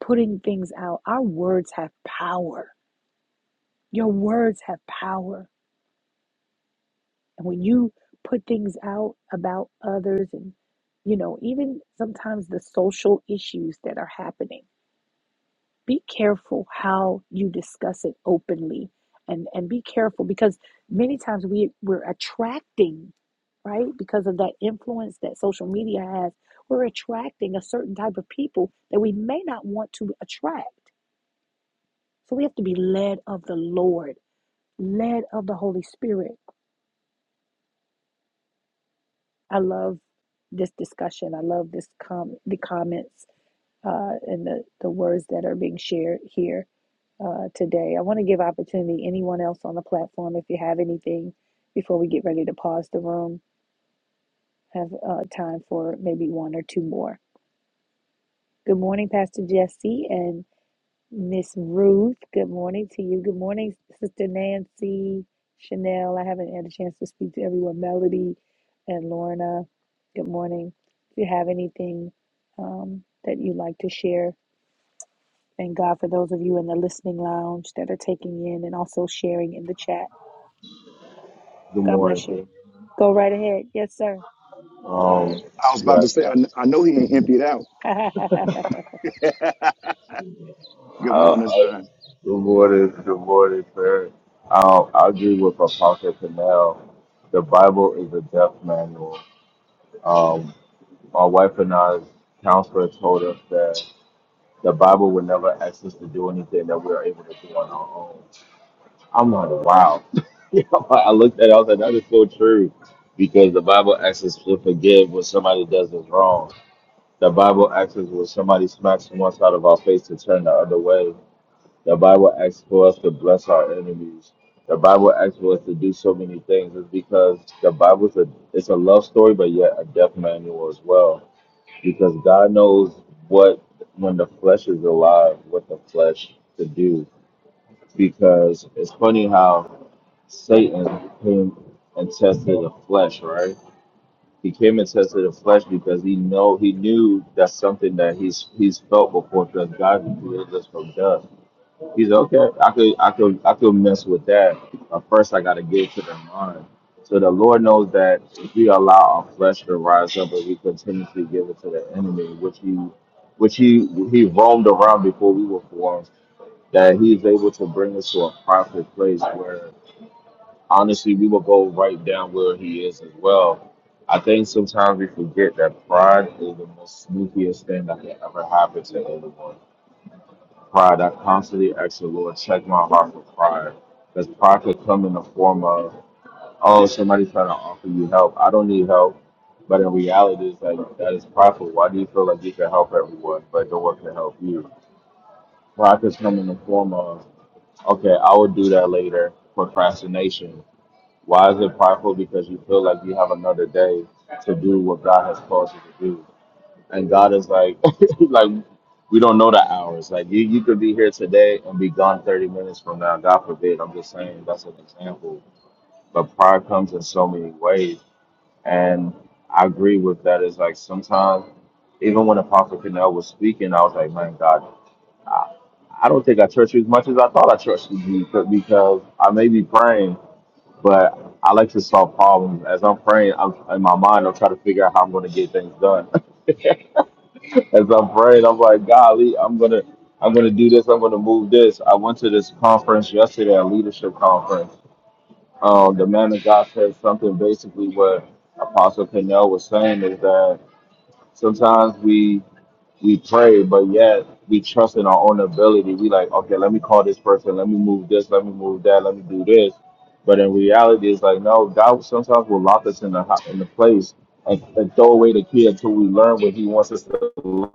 Putting things out, our words have power. Your words have power And when you put things out about others and, you know, even sometimes the social issues that are happening, be careful how you discuss it openly and, and be careful because many times we, we're attracting, right? Because of that influence that social media has, we're attracting a certain type of people that we may not want to attract. So we have to be led of the Lord, led of the Holy Spirit I love this discussion. I love this com- the comments uh, and the, the words that are being shared here uh, today. I want to give opportunity anyone else on the platform if you have anything before we get ready to pause the room. Have uh, time for maybe one or two more. Good morning, Pastor Jesse, and. Miss Ruth, good morning to you. Good morning, Sister Nancy, Chanel. I haven't had a chance to speak to everyone. Melody and Lorna, good morning. If you have anything um, that you'd like to share, thank God for those of you in the listening lounge that are taking in and also sharing in the chat. Good God morning, bless you. King. Go right ahead. Yes, sir. Um, I was about yeah, to say, I, kn- I know he ain't emptied out. [laughs] [laughs] Good uh, morning, son. good morning, good morning, sir. Um, I agree with Apostle Canal. The Bible is a death manual. Um, my wife and I's counselor told us that the Bible would never ask us to do anything that we are able to do on our own. I'm like, wow. [laughs] I looked at it, I was like, that is so true. Because the Bible asks us to forgive when somebody does us wrong The Bible asks us when somebody smacks from one side of our face to turn the other way. The Bible asks for us to bless our enemies. The Bible asks for us to do so many things. It's because the Bible's a it's a love story, but yet a death manual as well. Because God knows what when the flesh is alive, what the flesh to do. Because it's funny how Satan came and tested the flesh, right? He came and tested the flesh because he know he knew that's something that he's he's felt before because God created us from dust. He's okay. I could I could I could mess with that, but first I got to get to the mind. So the Lord knows that if we allow our flesh to rise up and we continuously give it to the enemy, which he which he he roamed around before we were formed, that he's able to bring us to a proper place where honestly, we will go right down where he is as well. I think sometimes we forget that pride is the most sneakiest thing that can ever happen to anyone. Pride, I constantly ask the Lord, check my heart for pride. Because pride could come in the form of, oh, somebody's trying to offer you help. I don't need help. But in reality, it's like, that is prideful. Why do you feel like you can help everyone, but no one can help you? Pride could come in the form of, okay, I will do that later, procrastination why is it prideful? Because you feel like you have another day to do what God has called you to do. And God is like, [laughs] like we don't know the hours. Like you, you could be here today and be gone 30 minutes from now. God forbid. I'm just saying that's an example. But pride comes in so many ways. And I agree with that. It's like sometimes, even when Apostle Canel was speaking, I was like, man, God, I, I don't think I trust you as much as I thought I trusted you because because I may be praying but I like to solve problems. As I'm praying, I'm in my mind, I'm trying to figure out how I'm going to get things done. [laughs] As I'm praying, I'm like, golly, I'm gonna, I'm gonna do this. I'm gonna move this. I went to this conference yesterday, a leadership conference. Um, the man of God said something basically what Apostle Pinnell was saying is that sometimes we we pray, but yet we trust in our own ability. We like, okay, let me call this person, let me move this, let me move that, let me do this. But in reality, it's like, no, God sometimes will lock us in the ho- in the place and, and throw away the key until we learn what He wants us to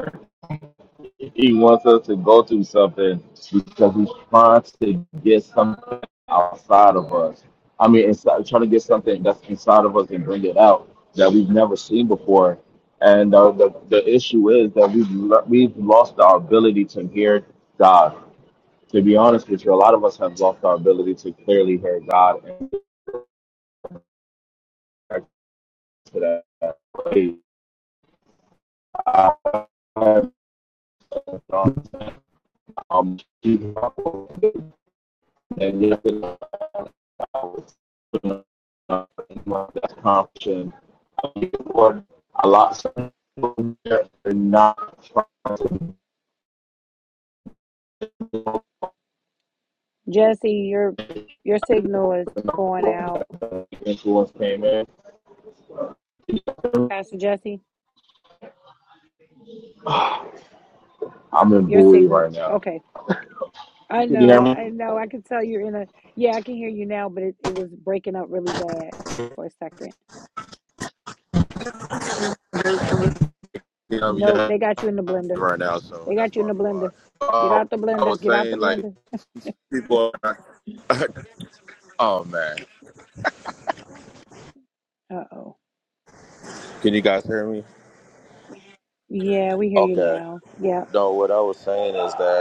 he wants us to go through something because he's trying to get something outside of us. I mean, inside, trying to get something that's inside of us and bring it out that we've never seen before. And uh, the the issue is that we've lo- we've lost our ability to hear God. To be honest with you, a lot of us have lost our ability to clearly hear God and connect to that. Hey, um, and yet I was doing a lot of people there, are not trying to Jesse, your your signal is going out. influence came in. Pastor Jesse, I'm in your Bowie right signal. now. Okay. You I can hear know, me? I know. I can tell you're in a, yeah, I can hear you now, but it, it was breaking up really bad for a second. Yeah, i Nope, they got you in the blender. right now, so They that's got you in the probably why. blender. Get Um, out the I blender. was Get out the saying like blender. people. Are, oh man, Uh-oh. can you guys hear me? Yeah, we hear you Okay. now. Yeah. No, what I was saying is that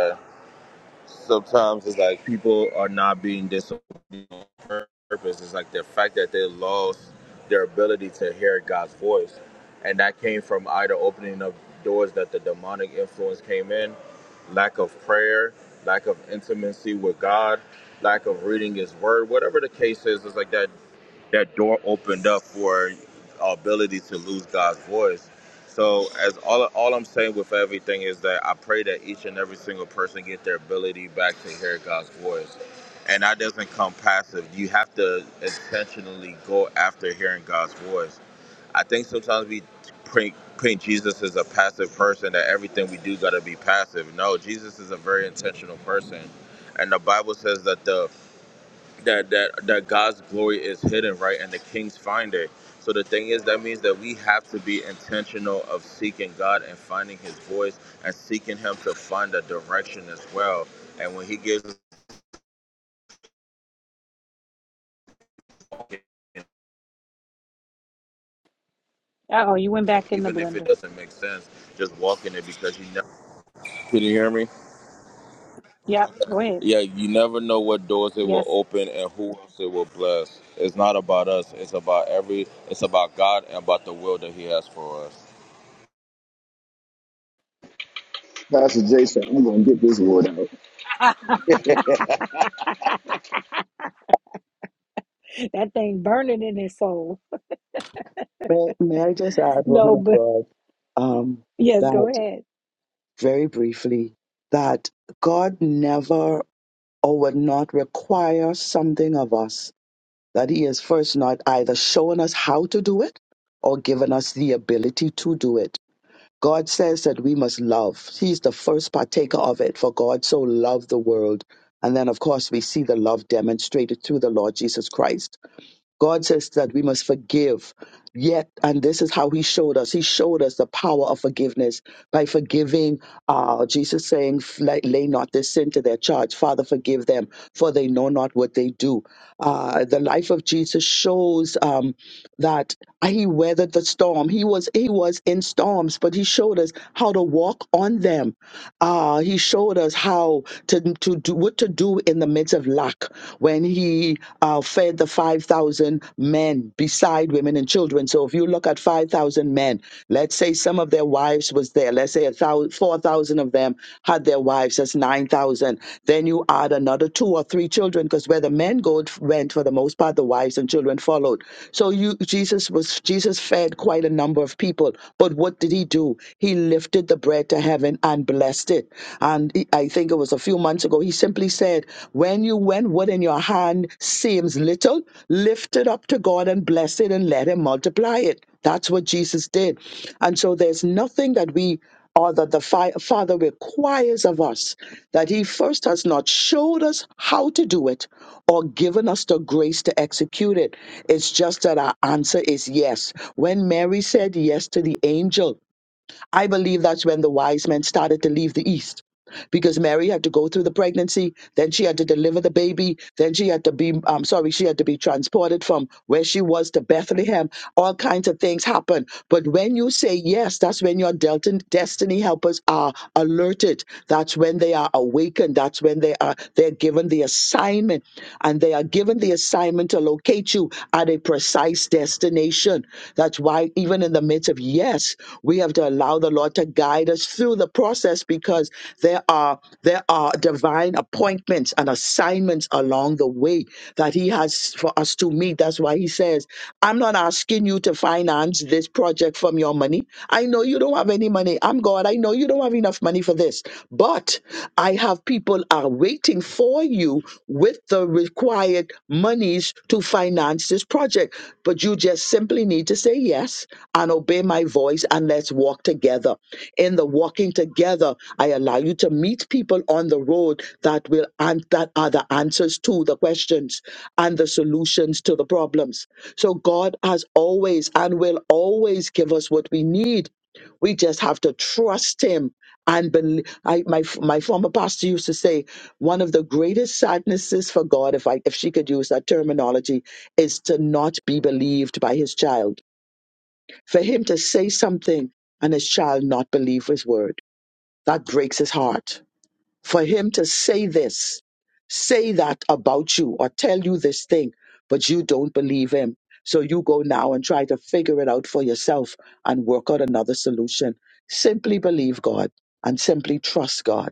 sometimes it's like people are not being disobedient on purpose. It's like the fact that they lost their ability to hear God's voice. And that came from either opening up doors that the demonic influence came in, lack of prayer, lack of intimacy with God, lack of reading his word, whatever the case is, it's like that that door opened up for our ability to lose God's voice. So as all all I'm saying with everything is that I pray that each and every single person get their ability back to hear God's voice. And that doesn't come passive. You have to intentionally go after hearing God's voice. I think sometimes we paint, paint Jesus as a passive person that everything we do got to be passive. No, Jesus is a very intentional person. And the Bible says that the that that that God's glory is hidden, right, and the king's find it. So the thing is, that means that we have to be intentional of seeking God and finding His voice and seeking Him to find a direction as well. And when He gives us, Uh-oh, you went back in the even if it blender. doesn't make sense, just walk in it because you never. Can you hear me? Yep, go ahead. Yeah, you never know what doors it will Yes, open and who else it will bless. It's not about us. It's about every. It's about God and about the will that He has for us. Pastor Jason, I'm going to get this word out. [laughs] that thing burning in his soul. [laughs] May, may I just add, No, woman of but God, um, yes, that go ahead. very briefly, that God never or would not require something of us that he is first not either showing us how to do it or giving us the ability to do it God says that we must love. He's the first partaker of it, for God so loved the world. And then, of course, we see the love demonstrated through the Lord Jesus Christ. God says that we must forgive. Yet, and this is how He showed us. He showed us the power of forgiveness by forgiving. Uh, Jesus saying, "Lay lay not this sin to their charge. Father, forgive them, for they know not what they do." Uh, the life of Jesus shows um, that He weathered the storm. He was He was in storms, but He showed us how to walk on them. Uh, he showed us how to to do what to do in the midst experience of lack when he uh, fed the 5,000 men beside women and children. So if you look at 5,000 men, let's say some of their wives was there. Let's say a thou- 4,000 of them had their wives. That's 9,000. Then you add another two or three children because where the men go, went for the most part, the wives and children followed. So you, Jesus was Jesus fed quite a number of people. But what did he do? He lifted the bread to heaven and blessed it. And he- I think it was a few months ago, he simply said, When you went, what in your hand seems little, lift it up to God and bless it and let Him multiply it. That's what Jesus did. And so there's nothing that we or that the fi- Father requires of us that He first has not showed us how to do it or given us the grace to execute it. It's just that our answer is yes. When Mary said yes to the angel, I believe that's when the wise men started to leave the East because Mary had to go through the pregnancy, then she had to deliver the baby, then she had to be, I'm sorry, she had to be transported from where she was to Bethlehem. All kinds of things happen. But when you say yes, that's when your Delta destiny helpers are alerted. That's when they are awakened. That's when they are they're given the assignment, and they are given the assignment to locate you at a precise precise destination. That's why, even in the midst of yes, we have to allow the Lord to guide us through the process because there are there are divine appointments and assignments along the way that He has for us to meet. That's why He says, "I'm not asking you to finance this project from your money. I know you don't have any money. I'm God. I know you don't have enough money for this, but I have people are waiting for you with the required monies to finance this project. But you just simply need to say yes and obey my voice and let's walk together. In the walking together, I allow you to meet people on the road that will and that are the answers to the questions and the solutions to the problems. So God has always and will always give us what we need. We just have to trust Him and bel I, my my former pastor used to say one of the greatest sadnesses for God, if I if she could use that terminology, is to not be believed by His child. For Him to say something and His child not believe His word, that breaks His heart. For Him to say this, say that about you, or tell you this thing, but you don't believe Him. So you go now and try to figure it out for yourself and work out another solution. Simply believe God and simply trust God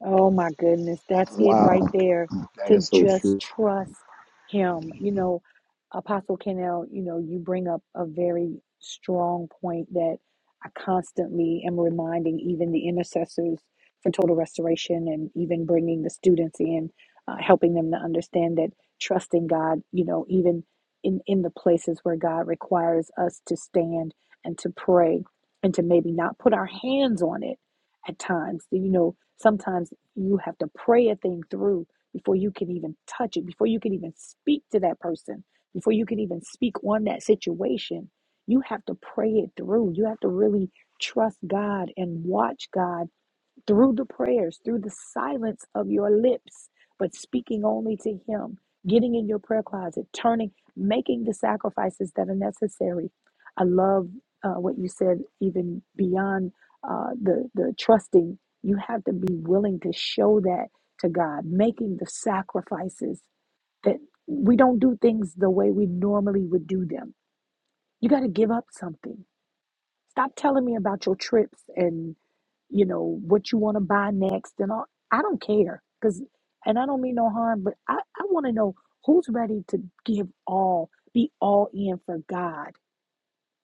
Oh my goodness, that's it right Wow, there. that To is so just true. trust him. You know, Apostle Kennel, you know, you bring up a very strong point that I constantly am reminding even the intercessors for total restoration and even bringing the students in, uh, helping them to understand that trusting God, you know, even in, in the places where God requires us to stand and to pray and to maybe not put our hands on it at times, you know Sometimes you have to pray a thing through before you can even touch it, before you can even speak to that person, before you can even speak on that situation. You have to pray it through. You have to really trust God and watch God through the prayers, through the silence of your lips, but speaking only to Him, getting in your prayer closet, turning, making the sacrifices that are necessary. I love uh, what you said, even beyond uh, the, the trusting, you have to be willing to show that to God, making the sacrifices that we don't do things the way we normally would do them. You got to give up something. Stop telling me about your trips and you know, what you want to buy next and all. I don't care because, and I don't mean no harm, but I, I want to know who's ready to give all, be all in for God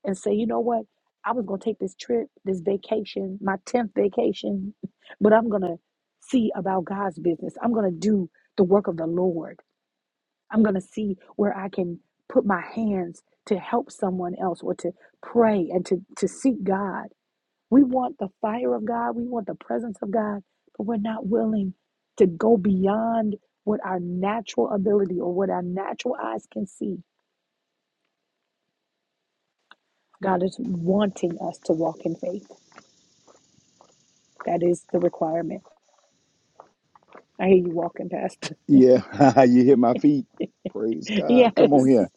and say, you know what? I was going to take this trip, this vacation, my 10th vacation, [laughs] but I'm going to see about God's business. I'm going to do the work of the Lord. I'm going to see where I can put my hands to help someone else or to pray and to, to seek God we want the fire of God, we want the presence of God, but we're not willing to go beyond what our natural ability or what our natural eyes can see. God is wanting us to walk in faith. That is the requirement. I hear you walking, Pastor. Yeah, [laughs] you hit my feet. Praise [laughs] yes, God. Come on here.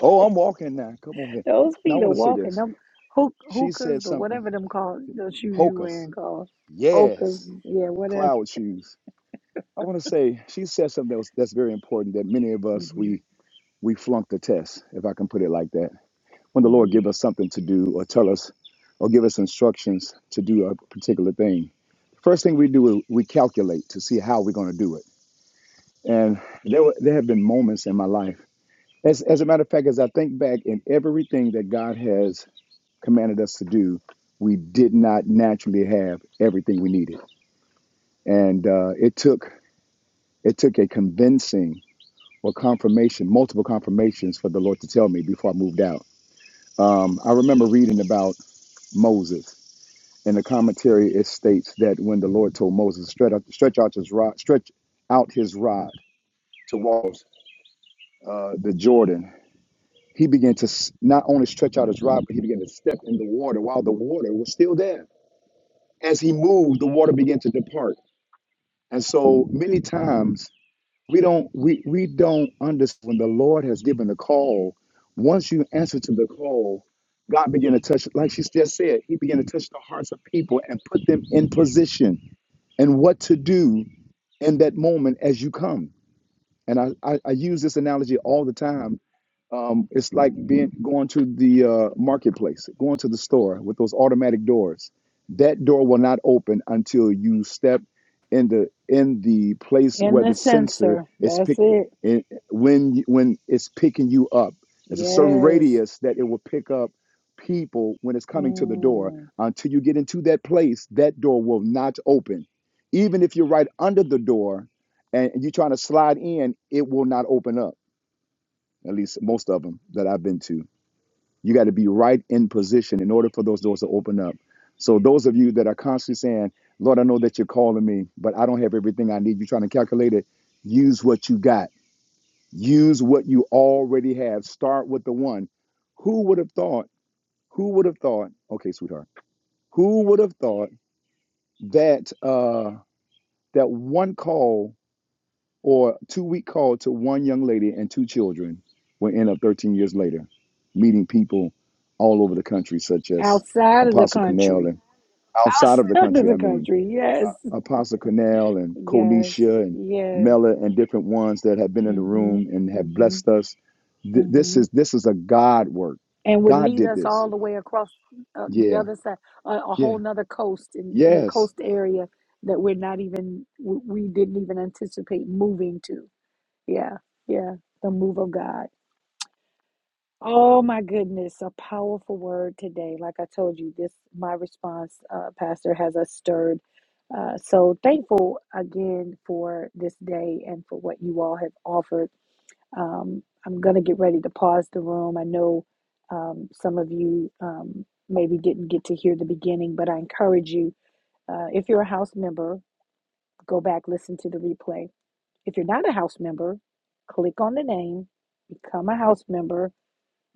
Oh, I'm walking now. Come on here. those Now, I feet are want to say walking. this. Them hook, She hookahs said or something. whatever them called those shoes you Hocus. wearing called hookahs. Yes, Yeah, whatever. cloud shoes. I want to say she said something that was, that's very important that many of us hmm we we flunk the test, if I can put it like that. When the Lord hmm give us something to do or tell us or give us instructions to do a particular thing, the first thing we do is we calculate to see how we're going to do it. And there were, there have been moments in my life. As, as a matter of fact, as I think back in everything that God has commanded us to do, we did not naturally have everything we needed. And uh, it took It took a convincing or confirmation, multiple confirmations for the Lord to tell me before I moved out. Um, I remember reading about Moses. In the commentary, it states that when the Lord told Moses, stretch out, stretch out his rod, stretch out his rod towards uh, the Jordan, he began to s- not only stretch out his rod, but he began to step in the water while the water was still there. As he moved, the water began to depart. And so many times We don't we we don't understand when the Lord has given the call. Once you answer to the call, God began to touch, like she just said, He began to touch the hearts of people and put them in position and what to do in that moment as you come. And I, I, I use this analogy all the time um, it's like being going to the uh, marketplace, going to the store with those automatic doors. That door will not open until you step in the in the place In where the the sensor sensor. is That's picking. it. When when it's picking you up, there's a certain Yes. radius that it will pick up people when it's coming to the door. Mm. Until you get into that place, that door will not open. Even if you're right under the door and you're trying to slide in, it will not open up at least most of them that I've been to. You got to be right in position in order for those doors to open up. So those of you that are constantly saying, "Lord, I know that you're calling me, but I don't have everything I need," you are trying to calculate it. Use what you got. Use what you already have. Start with the one. Who would have thought? Who would have thought? Okay, sweetheart. Who would have thought that uh, that one call or two week call to one young lady and two children will end up 13 years later meeting people all over the country, such as Outside of the Apostle Cornell country. and [laughs] outside of the Outside of country, the I mean, country. Yes. Apostle Cornell and Yes. Konisha and Yes. Mella and different ones that have been in the Mm-hmm. room and have Mm-hmm. blessed us. Th- this Mm-hmm. is this is a God work. And would God lead did us this. all the way across uh, the Yeah, other side, a, a whole yeah, nother coast in, in a yes. coast area that we're not even, we we didn't even anticipate moving to. Yeah. Yeah. The move of God. Oh my goodness, a powerful word today. Like I told you, this my response, uh, Pastor, has us stirred. Uh, so thankful again for this day and for what you all have offered. Um, I'm gonna get ready to pause the room. I know um, some of you um, maybe didn't get to hear the beginning, but I encourage you, uh, if you're a house member, go back listen to the replay. If you're not a house member, click on the name, become a house member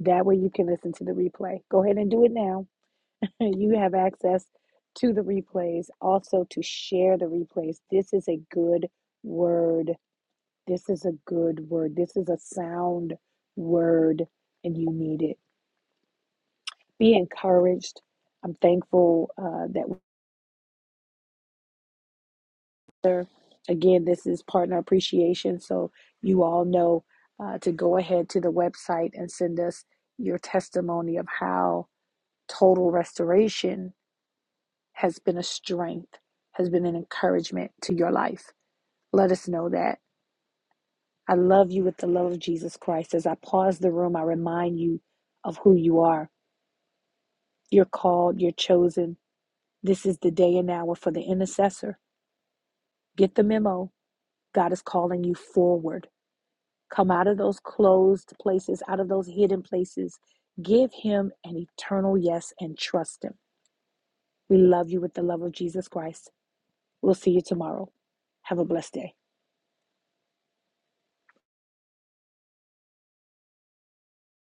that way you can listen to the replay. Go ahead and do it now. [laughs] You have access to the replays, also to share the replays. This is a good word. This is a good word. This is a sound word, and you need it. Be encouraged. I'm thankful uh, that we're again. This is partner appreciation, so you all know uh, to go ahead to the website and send us your testimony of how total restoration has been a strength, has been an encouragement to your life. Let us know that. I love you with the love of Jesus Christ. As I pause the room, I remind you of who you are. You're called, you're chosen. This is the day and hour for the intercessor. Get the memo. God is calling you forward. Come out of those closed places, out of those hidden places. Give him an eternal yes and trust him. We love you with the love of Jesus Christ. We'll see you tomorrow. Have a blessed day.